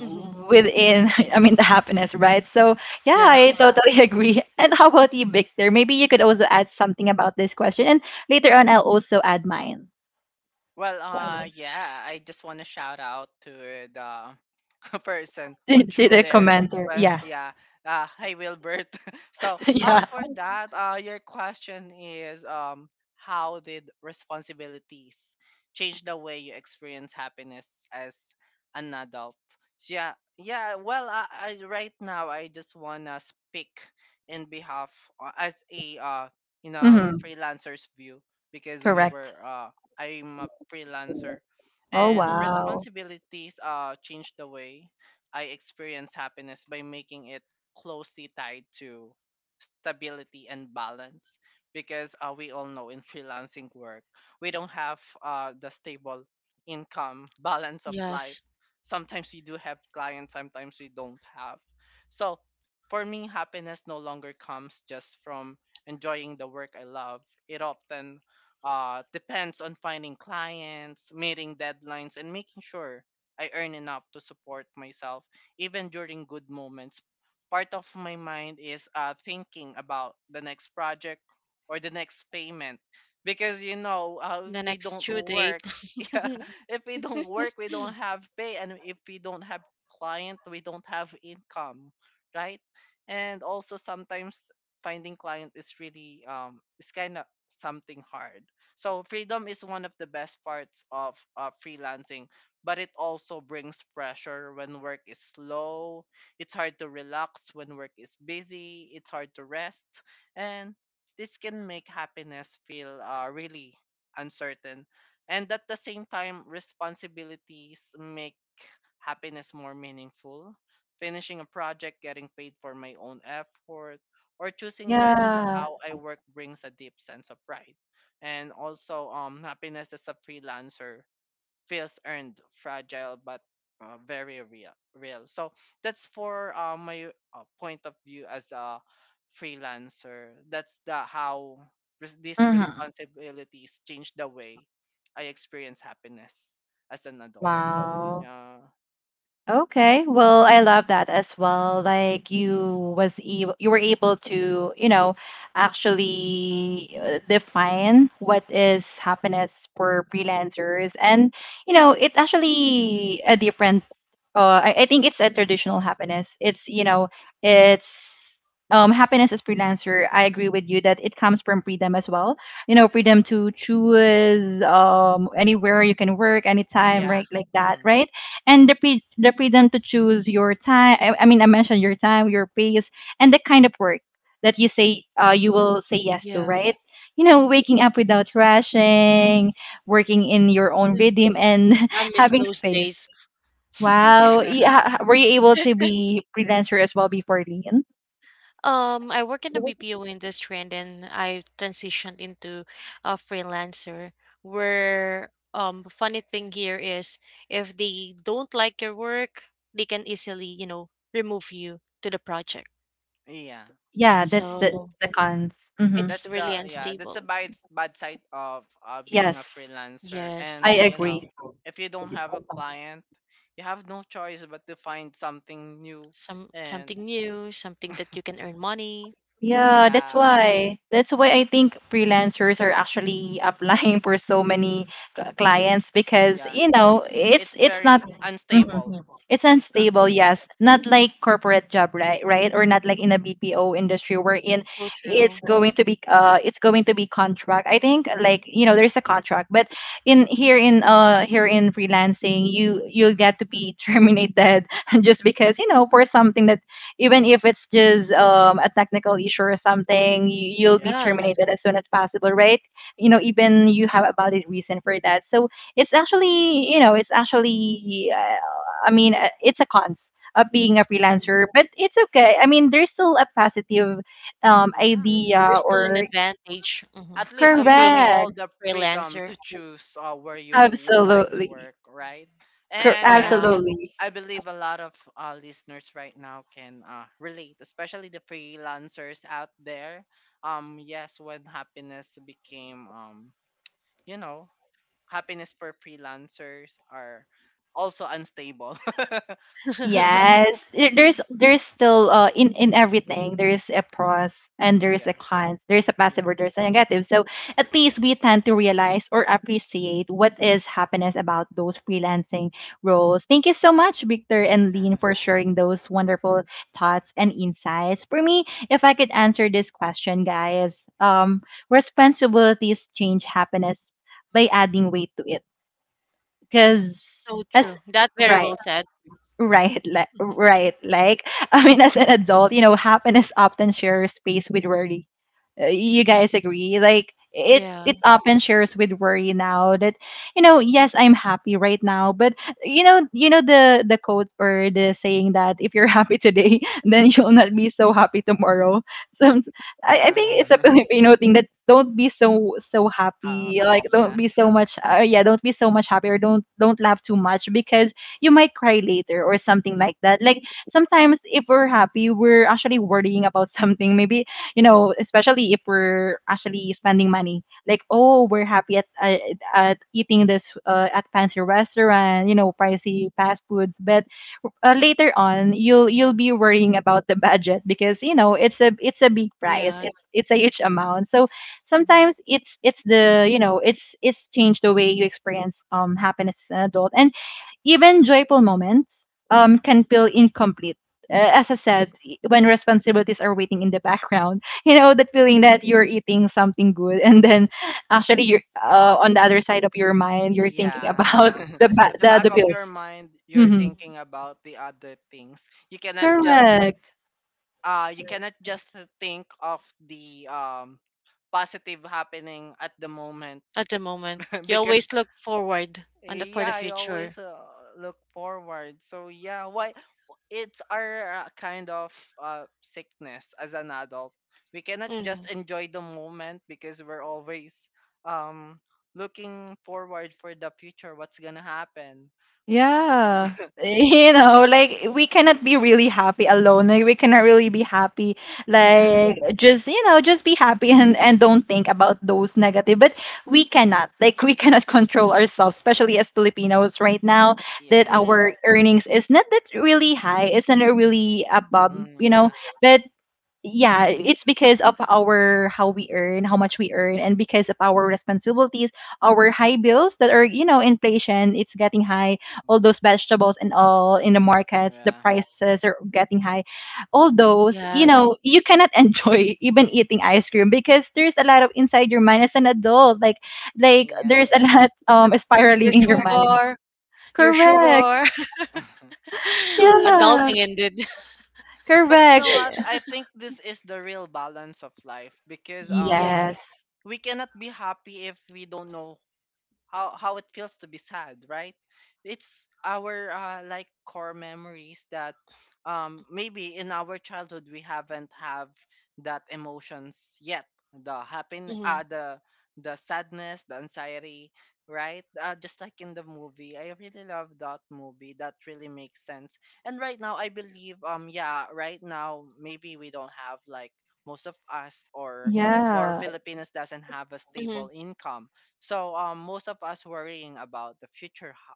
hmm within. I mean, the happiness, right? So yeah, Yeah. I totally agree. And how about you, Victor? Maybe you could also add something about this question, and later on, I'll also add mine. Well, uh, yeah, I just want to shout out to the person who To threw the their... commenter. Well, Yeah, yeah, uh hi, Wilbert. So uh yeah. for that, uh your question is, um how did responsibilities change the way you experience happiness as an adult? So, yeah, yeah, well, I, I right now I just wanna speak in behalf uh, as a uh you know, Mm-hmm. freelancer's view because we Correct. were uh I'm a freelancer, Oh and hmm wow. responsibilities uh, changed the way I experience happiness by making it closely tied to stability and balance. Because uh, we all know in freelancing work, we don't have uh, the stable income balance of life. Yes. Sometimes we do have clients, sometimes we don't have. So for me, happiness no longer comes just from enjoying the work I love. It often uh, depends on finding clients, meeting deadlines, and making sure I earn enough to support myself even during good moments. Part of my mind is uh, thinking about the next project or the next payment because you know uh, if The we next don't due date. work, yeah, if we don't work, we don't have pay, and if we don't have client, we don't have income, right? And also sometimes finding client is really um, it's kind of something hard. So freedom is one of the best parts of uh, freelancing, but it also brings pressure when work is slow. It's hard to relax when work is busy. It's hard to rest, and this can make happiness feel uh, really uncertain. And at the same time, responsibilities make happiness more meaningful. Finishing a project, getting paid for my own effort, or choosing when Yeah. how I work brings a deep sense of pride, and also um happiness as a freelancer feels earned, fragile, but uh, very real real. So that's for uh, my uh, point of view as a freelancer. That's the how res- these Mm-hmm. responsibilities change the way I experience happiness as an adult. So Wow. yeah, Okay. Well, I love that as well. Like you was able, you were able to, you know, actually uh, define what is happiness for freelancers. And you know, it's actually a different. Uh, I, I think it's a traditional happiness. It's, you know, it's um happiness as freelancer. I agree with you that it comes from freedom as well. You know, freedom to choose um anywhere you can work, anytime, yeah. right? Like that, Hmm. right? And the, pre- the freedom to choose your time. I, I mean i mentioned your time, your pace, and the kind of work that you say, uh, you will say yes to, Yeah. right? You know, waking up without rushing, working in your own Yeah. rhythm, and I miss having those space. days. Wow, Yeah, yeah. Were you able to be freelancer as well before, Lean? Um, I work in the B P O industry and then I transitioned into a freelancer where um funny thing here is if they don't like your work, they can easily, you know, remove you to the project. yeah, Yeah, that's the, So the cons. Hmm. it's that's really the yeah that's a unstable. bad bad side of uh, being a Yes, freelancer, Yes, and I you yes. know, agree. if you don't have a client, you have no choice but to find something new. Some And something new, something that you can earn money. Yeah, that's yeah, why. That's why I think freelancers are actually applying for so many cl- clients, because yeah, you know, it's it's it's not. very Mhm. unstable. It's It's unstable, It's yes. unstable, Not like corporate job, right? Right? Or not like in a B P O industry, wherein so it's true. going to be uh it's going to be contract. I think, like, you know, there's a contract, but in here in uh here in freelancing, you you'll get to be terminated just because, you know, for something that, even if it's just, um, a technical issue or something, you, you'll be yeah, Yes. terminated as soon as possible, right? You know, even you have a valid reason for that. So it's actually, you know, it's actually, uh, I mean, uh, it's a cons of being a Mhm. freelancer, but it's okay. I mean, there's still a positive um, yeah. idea There's still an or advantage mhm, At least of you have being a all correct, the freedom to freelancer. choose uh, where you would like to absolutely. work, right? Cor- And Yeah, Yeah. absolutely. I believe a lot of uh, listeners right now can uh, relate, especially the freelancers out there. Um, yes, when happiness became, um, you know, happiness for freelancers are also unstable. Yes, there- there's there's still, uh in in everything, there's a pros and there's a Yeah, cons, there's a yeah, positive or there's a negative. So at least we tend to realize or appreciate what is happiness about those freelancing roles. Thank you so much, Victor and Lean, for yeah, sharing those wonderful thoughts and insights. For me, if I could answer this question, guys, um, responsibilities change happiness by adding weight to it. So Because as true. That very right. well said. Right, like, right. Like, I mean, as an adult, you know, happiness often shares space with worry. Uh, You guys agree? Like, it Yeah. it often shares with worry now that, you know, yes, I'm happy right now, but you know, you know the the quote or the saying that if you're happy today, then you'll not be so happy tomorrow. So I, yeah. I think it's a Filipino thing that don't be so so happy, Happy, like yeah, don't be so much, uh, yeah, don't be so much happy, or don't don't laugh too much because you might cry later or something like that. Like sometimes if we're happy, we're actually worrying about something. Maybe, you know, especially if we're actually spending money. Like, oh, we're happy at at, at eating this, uh, at fancy restaurant, you know, pricey fast foods, but uh, later on you'll you'll be worrying about the budget because you know it's a it's a big price, Yes. it's it's a huge amount. So Mhm. sometimes it's it's the you know it's it's changed the way you experience um happiness as an adult. And even joyful moments um, can feel incomplete. Uh, as I said, i- when responsibilities are waiting in the background, you know, that feeling that you're eating something good and then actually you're, uh, on the other side of your mind, you're thinking yeah. about the, ba- At the the, back the of your bills. mind, you're Hmm. Mhm. thinking about the other things. You cannot just Correct. uh you cannot just think of the um positive happening at the moment. At the moment, you Because always look forward on the for the yeah, I future. always uh, look forward. So yeah, why it's our uh, kind of uh, sickness as an adult. We cannot hmm just enjoy the moment because we're always um looking forward for the future, what's gonna happen. Yeah. You know, like we cannot be really happy alone. Like we cannot really be happy. Yeah, Like just, you know, just be happy and and don't think about those negative. But we cannot. Like we cannot control ourselves, especially as Filipinos right now that yeah. hmm our earnings is not that really high. It's not really above, Mm, you know. yeah. But yeah, it's because of our how we earn, how much we earn, and because of our responsibilities, our high bills that are, you know, inflation, it's getting high. All Mm, those vegetables and all in the markets, the yeah, prices are getting high. All those, you Yes. know, you cannot enjoy even eating ice cream because there's a lot of inside your mind as an adult. Like, like there's yeah. a lot Like um spiraling your in your mind. sugar, your Correct. sugar, Correct. Yeah. adulting ended. But you Correct. know what? I think this is the real balance of life because uh we c- Yeah. Yes. we cannot be happy if we don't know how how it feels to be sad, right? It's our uh, like core memories that um maybe in our childhood we haven't have that emotions yet, the happen uh hmm the the sadness, the anxiety, right? Uh, just like in the movie, I really love that movie. That really makes sense. And right now I believe, um yeah, right now maybe we don't have like most of us, or more Yeah. Filipinos doesn't have a hmm stable income. So um, most of us worrying about the future, ho-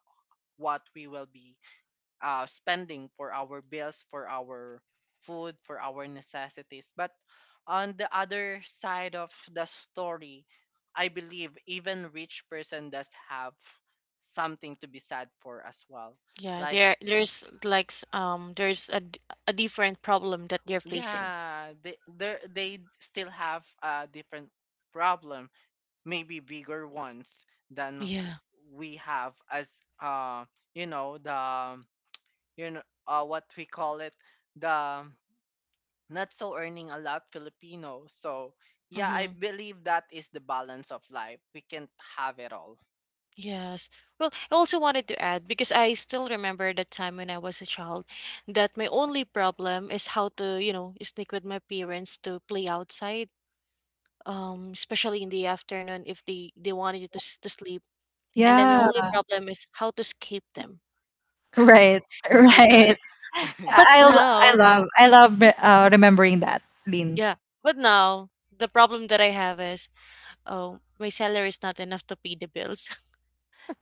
what we will be uh, spending for our bills, for our food, for our necessities. But on the other side of the story, I believe even rich person does have something to be sad for as well. Yeah. Like There, there's like s- um, there's a d- a different problem that they're facing. yeah, they they they still have a different problem, maybe bigger ones than Yeah. we have as uh you know, the, you know, uh, what we call it, the not so earning a lot Filipino. So yeah, I hmm believe that is the balance of life. We can't have it all. Yes. Well, I also wanted to add because I still remember the time when I was a child that my only problem is how to, you know, sneak with my parents to play outside, um, especially in the afternoon if they they wanted you to s- to sleep. And then my Yeah. only problem is how to escape them. Right, But right. I but I lo- I now, love I love re- uh, remembering that, Lin. yeah, but now the problem that I have is, oh, my salary is not enough to pay the bills.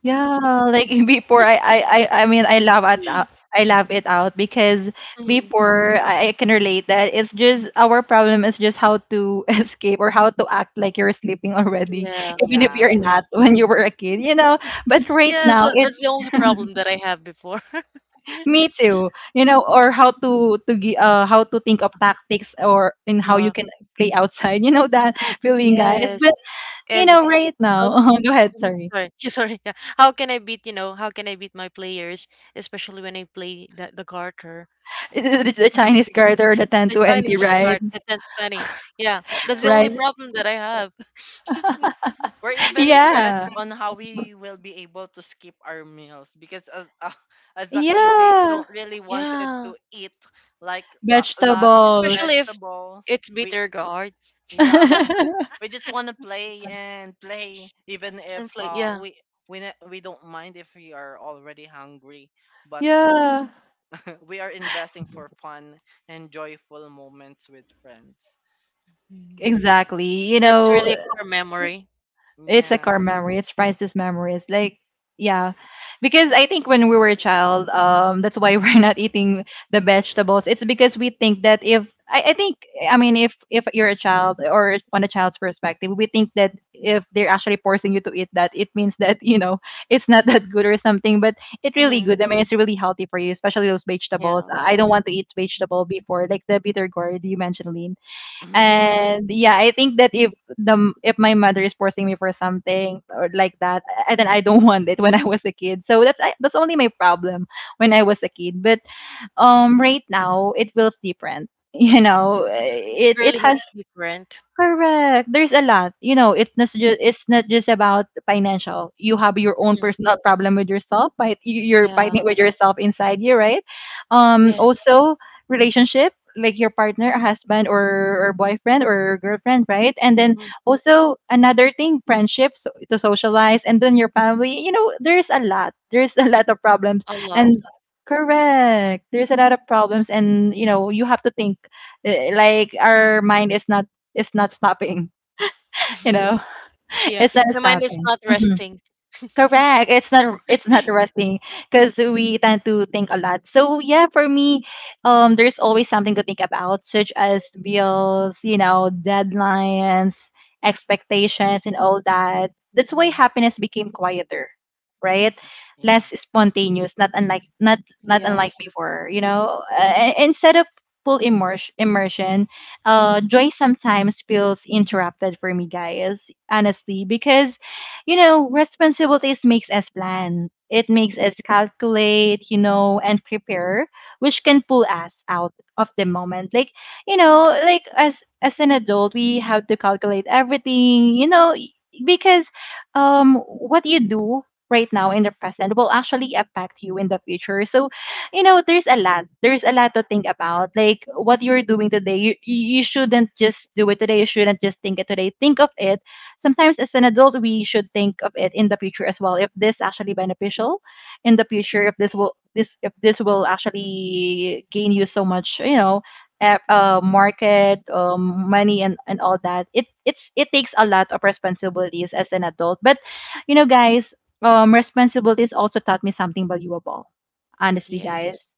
Yeah, like before I I I, I mean I love at uh, I love it out because Mhm. before I, I can relate that it's just our problem is just how to escape or how to act like you're sleeping already, even if Yeah. Yeah, you're not when you were a kid, you know. But right Yes, now, that that's the only problem that I have before. me too. You know, or how to to gi- uh how to think of tactics or in how you Yeah. can play outside. You know that feeling, guys. Yes. But you And know, right how now, go ahead. mhm, Sorry, sorry. Sorry. Yeah. How can I beat, you know, how can I beat my players, especially when I play the, the garter, the, the the Chinese garter, the ten the twenty, Chinese right? card, the ten twenty. Yeah. That's the yeah. only Right? problem that I have. We're even stressed Yeah, on how we will be able to skip our meals because as uh, as a kid we yeah. don't really wanted Yeah. to eat like a lot. Vegetables. Especially if Vegetables. it's We, bitter guard. yeah, we just want to play and play even And if play. uh Yeah. we we ne- we don't mind if we are already hungry, but Yeah, we are investing for fun and joyful moments with friends. Mhm. exactly. You That's know, really a core memory. it's a Yeah. core memory. It's priceless memories. Like, yeah, because I think when we were a child, um, that's why we're not eating the vegetables. It's because we think that if I, I think I mean if if you're a child or on a child's perspective, we think that if they're actually forcing you to eat that, it means that you know it's not that good or something. But it's really hmm good. I mean, it's really healthy for you, especially those Yeah. vegetables. I don't want to eat vegetable before, like the bitter gourd you mentioned, Lynn. hmm And yeah, I think that if the if my mother is forcing me for something or like that, I, then I don't want it when I was a kid. So that's I, that's only my problem when I was a kid. But um, right now it feels different. You know, It it it really has hits different. correct. There's a lot. You know, it's not just it's not just about financial. You have your own hmm personal problem with yourself, but you- are Yeah. fighting with yourself inside you, right? Um, Yes. Mm, Also relationship, like your partner, a husband or, or boyfriend or girlfriend, right? And then Mhm, also another thing, friendships to socialize, and then your family. You know, there's a lot. There's a lot of problems, a lot. and correct. There's a lot of problems, and you know, you have to think uh, like our mind is not it's not stopping, you know? Yeah, It's not my mind is stopping. not Mhm. resting. Correct. It's not it's not resting because we tend to think a lot. So yeah, for me, um, there's always something to think about, such as bills, you know, deadlines, expectations, and all that. That's why Mhm. happiness became quieter, right? Less yeah. spontaneous, not unlike not not unlike Yes, before, you know. Uh, instead of full immersion, immersion, uh, joy sometimes feels interrupted for me, guys. Honestly, because you know, responsibilities makes us plan. It makes us calculate, you know, and prepare, which can pull us out of the moment. Like, you know, like as as an adult, we have to calculate everything, you know, y- because um what you do right now in the present will actually affect you in the future. So, you know, there's a lot. There's a lot to think about. Like what you're doing today, you you you shouldn't just do it today. You shouldn't just think it today. Think of it sometimes as an adult we should think of it in the future as well if this actually beneficial in the future if this will this if this will actually gain you so much, you know, a- uh, market um, money and, and all that. It it's it takes a lot of responsibilities as an adult. But you know, guys, um responsibilities also taught me something valuable, honestly, yes. guys.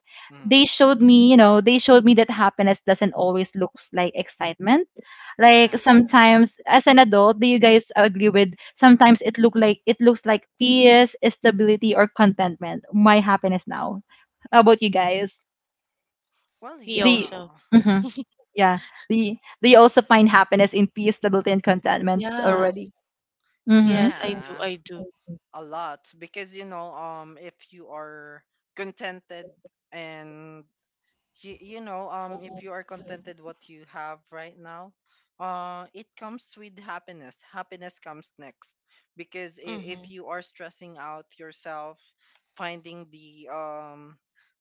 They Mm, showed me, you know, they showed me that happiness doesn't always looks like excitement. yeah. Like sometimes as an adult, do you guys agree with sometimes it look like it looks like peace, stability, or contentment? My happiness now. How about you guys? Well, Me Do yeah. you, also. Mhm, yeah. Do you, do you also find happiness in peace, stability, and contentment already? Yes, Mm-hmm. yes, I do, Yeah, I do. a lot because you know, um, if you are contented and you, you know, um if you are contented what you have right now, uh it comes with happiness. Happiness comes next because i- if Mm-hmm. you are stressing out yourself finding the um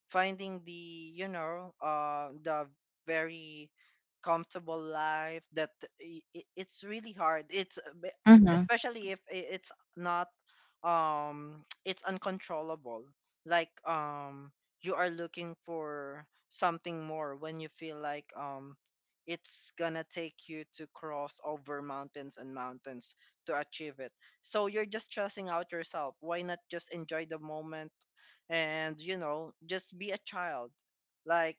finding the, you know, uh the very comfortable life, that i- i- it's really hard, it's a bit- Mm-hmm. especially if i- it's not um it's uncontrollable. Like um you are looking for something more when you feel like um it's gonna take you to cross over mountains and mountains to achieve it. So you're just stressing out yourself. Why not just enjoy the moment and, you know, just be a child, like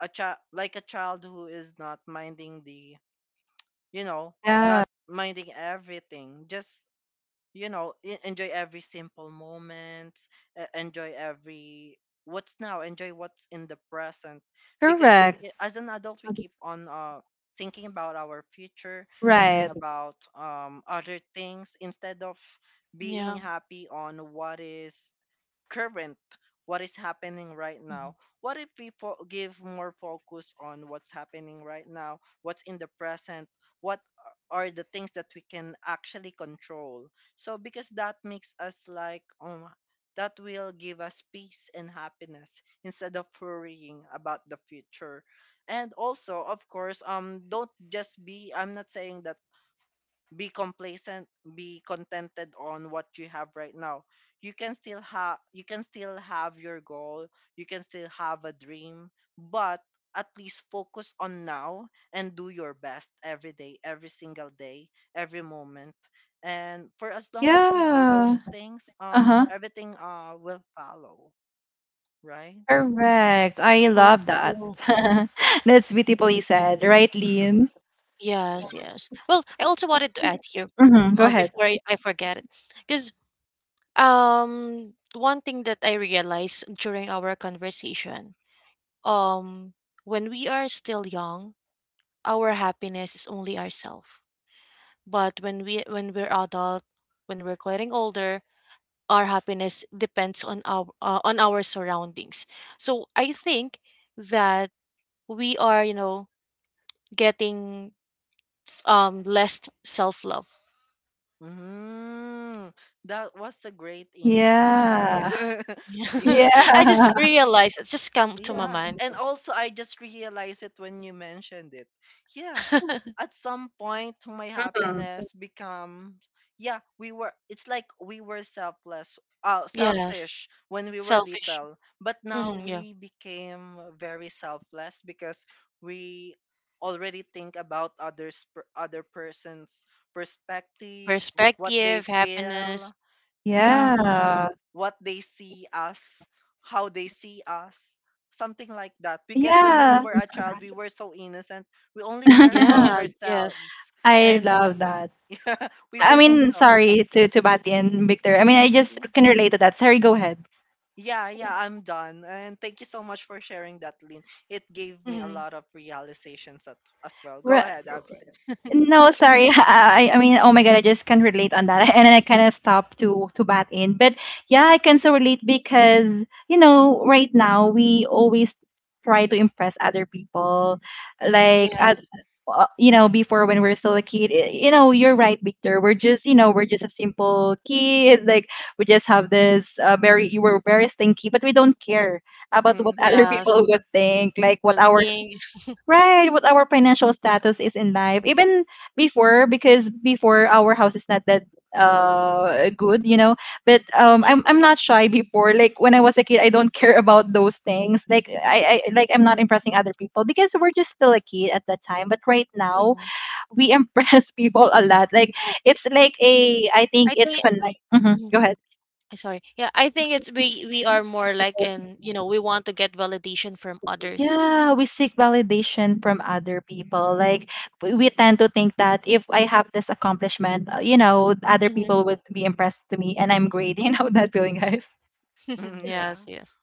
a child like a child who is not minding the, you know, Yeah. not minding everything, just you know, e- enjoy every simple moment, e- enjoy every what's now enjoy what's in the present because we Correct. ke- as an adult we keep on uh thinking about our future, thinking Right. about um other things instead of being Yeah, happy on what is current, what is happening right mhm. now. What if we fo- give more focus on what's happening right now, what's in the present, what are the things that we can actually control? So because that makes us like, um that will give us peace and happiness instead of worrying about the future. And also, of course, um don't just be, I'm not saying that be complacent, be contented on what you have right now. You can still have, you can still have your goal, you can still have a dream, but at least focus on now and do your best every day, every single day, every moment. And for as long as you do Yeah. those things, um Uh-huh. everything uh will follow, right? Correct. I So love that. true. That's beautifully said, right, Lean? Yes, Yeah. yes. Well, I also wanted to add here, Mm-hmm. Go uh, ahead. before I, I forget it, because um, one thing that I realized during our conversation, um, when we are still young, our happiness is only ourself. But when we when we're adult, when we're getting older, our happiness depends on our uh, on our surroundings. So I think that we are, you know, getting s- um less self-love. Mm, that was a great insight. Yeah. Yeah. I just Yeah. realized it just come to my Yeah. mind. And also, I just realized it when you mentioned it. Yeah. At some point, my Mhm. happiness become... Yeah, we were, it's like we were selfless, uh, Yes, selfish when we were selfish. little. But now hmm Yeah, we became very selfless because we already think about others, per- other person's perspective, what they perspective, happiness. feel. Yeah. hmm Yeah. What they see us, how they see us, something like that. Because when we Yeah. were a child, we were so innocent. We only care about Yes, yes. ourselves, I and love that. we I were so mean, selfish. sorry to to Batty and Victor. I mean, I just Yeah, can relate to that. Sorry, go ahead. yeah, yeah, I'm done. And thank you so much for sharing that, Lynn. It gave me a hmm lot of realizations at, as well. Go ahead, Abby. No, sorry. I, I mean, oh my God, I just can't relate on that. And then I kind of stopped to to bat in. But yeah, I can so relate because, you know, right now we always try to impress other people. Like, at, Yes, uh, you know, before when we're still a kid, y- you know, you're right, Victor. We're just, you know, we're just Mm. a simple kid. Like, we just have this uh, very, we're very stinky, but we don't care about what other yes. people would think, like what our Well-being. right, what our financial status is in life. Mm-hmm. Even before, because before our house is not that uh good, you know. But um I'm I'm not shy before. Like when I was a kid, I don't care about those things. Like I, I like I'm not impressing other people because we're just still a kid at that time. But right now Mm-hmm. we impress people a lot. Like it's like a I think I it's think connect. Mhm, Mhm. Go Uh, sorry. Yeah, I think it's we we are more like ahead. in, you know, we want to get validation from others. Yeah, we seek validation from other people. Like we we tend to think that if I have this accomplishment, uh, you know, other hmm people would be impressed to me and I'm great. You know that feeling, guys. Yes, Yeah, yes.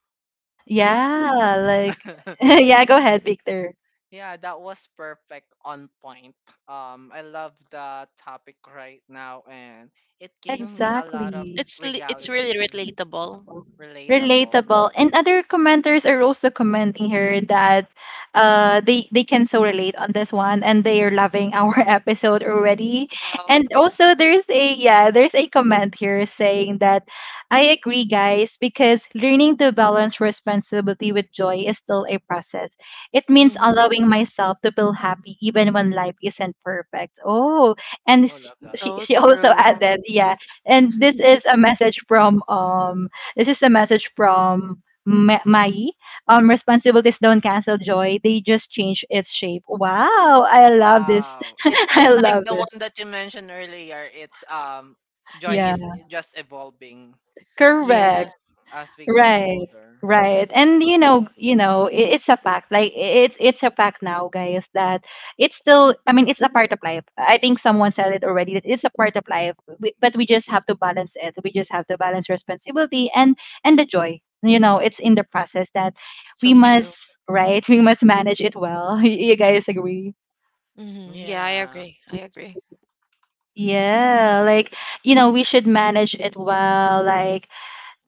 yeah. Yeah, like yeah, go ahead, Victor. Yeah, that was perfect on point. Um, I love the topic right now, and it gave me a lot of Exactly. It's li- it's really realization. relatable. Relatable. Yeah. Relatable, and other commenters are also commenting here that uh they they can so relate on this one, and they are loving our episode already. Wow. And also there's a yeah, there's a comment here saying that I agree, guys, because learning to balance responsibility with joy is still a process. It means hmm allowing myself to feel happy even when life isn't perfect. Oh, and Oh, sh- love that. she, So she also true. added, yeah. And this is a message from um this is a message from Ma- Mai. Um responsibilities don't cancel joy. They just change its shape. Wow, I love this. Wow. It's I just Wow. like love the this. one that you mentioned earlier. It's um, joy Yeah. is just evolving Correct. Yes, as we grow Right, older. right. Yeah, I And love you that. know, you know, I- it's a fact. Like I- it's it's a fact now, guys, that it's still I mean, it's a part of life. I think someone said it already that it's a part of life, we- but we just have to balance it. We just have to balance responsibility and and the joy. You know, it's in the process that we so true. must, right? We must manage it well. You guys agree? hmm Yeah, I Yeah. agree. I agree. Yeah, like you know, we should manage it well. Like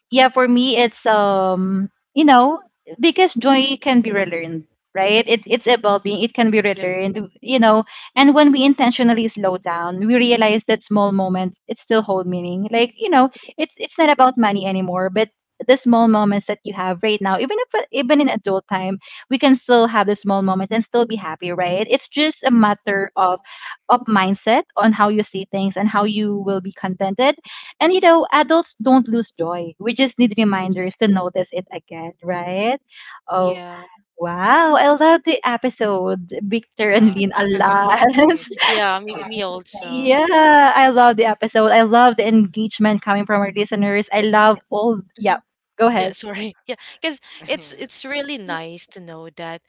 yeah, for me it's um you know, because joy can be relearned, right? It, it's evolving. It can be Yep. relearned, you know. And when we intentionally slow down, we realize that small moments it still hold meaning. Like you know, it's it's not about money anymore, but the small moments that you have right now. Even if even in adult time, we can still have the small moments and still be happy, right? It's just a matter hmm of of mindset on how you see things and how you will be contented. And you know, adults don't lose joy. We just need reminders Yes. to notice it again, right? Oh, Yeah. wow. I love the episode, Victor and Yeah. Lynn, a lot. Me too. Yeah, me me also. Yeah, I love the episode. I love the engagement coming from our listeners. I It's love all, yeah, Mhm. go Yeah, ahead. sorry. Yeah, because it's Yeah. it's really nice to know that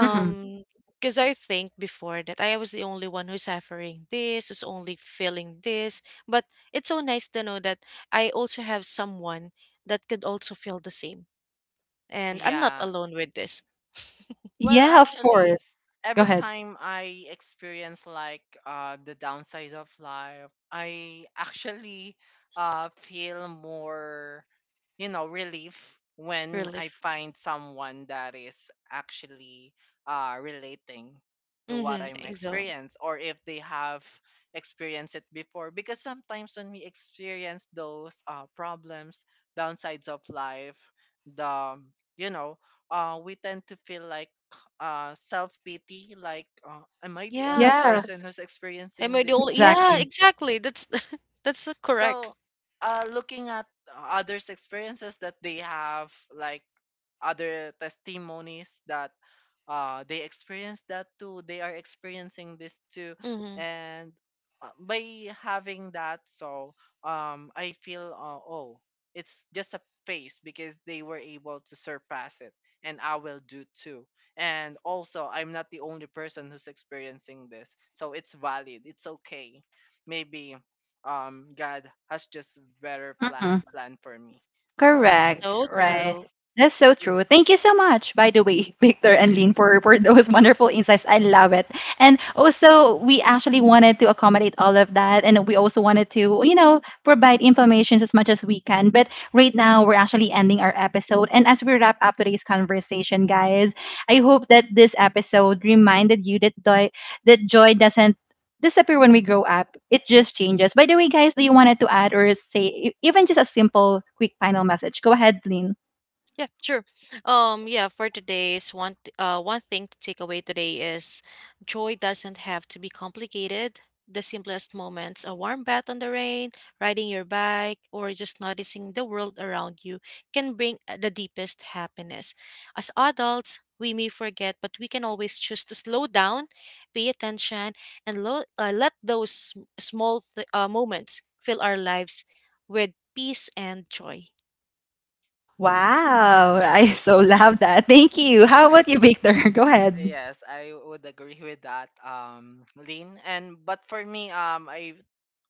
Hmm. because I think before that I was the only one who's suffering this, who's only feeling this. But it's so nice to know that I also have someone that could also feel the same. And I'm not Yeah. alone with this Well, Yeah, of actually, course. Go every ahead. time I experience like uh, the downside of life, I actually uh, feel more, you know, relief when I relief. find someone that is actually uh, relating to what I'm Mm-hmm. So experienced, or if they have experienced it before. Because sometimes when we experience those uh, problems, downsides of life, the, you know, uh, we tend to feel like uh, self pity, like, uh, am I the only yes. Yeah, person who's Am experiencing I the this? only yeah, exactly. exactly. That's that's correct. So, uh, looking at others' experiences that they have, like other testimonies that uh, they experienced that too, they are experiencing this too, Mm-hmm. and uh, by having that, so um, I feel uh, oh, it's just a phase because they were able to surpass it, and I will do too. And also, I'm not the only person who's experiencing this, so it's valid. It's okay. Maybe um God has just better plan Mhm. plan for me. So yeah. Correct, So right. true. That's so Th- true. Thank you so much, by the way, Victor and Lynn, for, for those wonderful insights. I love it. And also, we actually wanted to accommodate all of that. And we also wanted to, you know, provide information as much as we can. But right now, we're actually ending our episode. And as we wrap up today's conversation, guys, I hope that this episode reminded you that joy, that joy doesn't disappear when we grow up. It just changes. By the way, guys, do you wanted to add or say e- even just a simple, quick final message? Go ahead, Lynn. Yeah, sure. Um, yeah, for today's one, th- uh, one thing to take away today is joy doesn't have to be complicated. The simplest moments, a warm bath on the rain, riding your bike, or just noticing the world around you can bring uh, the deepest happiness. As adults, we may forget, but we can always choose to slow down, pay attention, and lo- uh, let those sm- small th- uh, moments fill our lives with peace and joy. Wow. Wow, I so love that. Thank you. How about you, Victor? Go ahead. Yes, I would agree with that, um, Lynn. And but for me, um, I,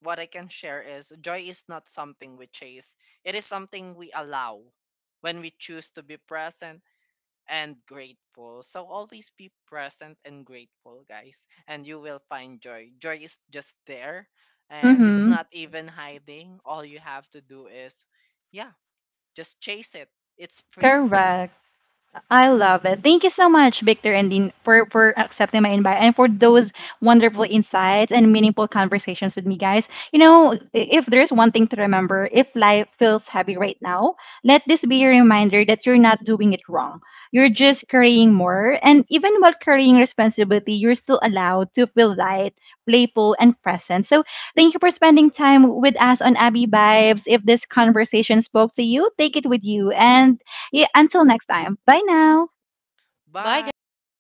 what I can share is joy is not something we chase. It is something we allow when we choose to be present and grateful. So always be present and grateful, guys, and you will find joy. Joy is just there, and it's Mm-hmm. not even hiding. All you have to do is, yeah, just chase it. It's free. Correct. I love it. Thank you so much, Victor and Dean, for, for accepting my invite and for those wonderful insights and meaningful conversations with me, guys. You know, I- if there's one thing to remember, if life feels heavy right now, let this be a reminder that you're not doing it wrong. You're just carrying more. And even while carrying responsibility, you're still allowed to feel light, playful, and present. So thank you for spending time with us on Abby Vibes. If this conversation spoke to you, take it with you. And yeah, until next time. Bye now. Bye, guys. Bye.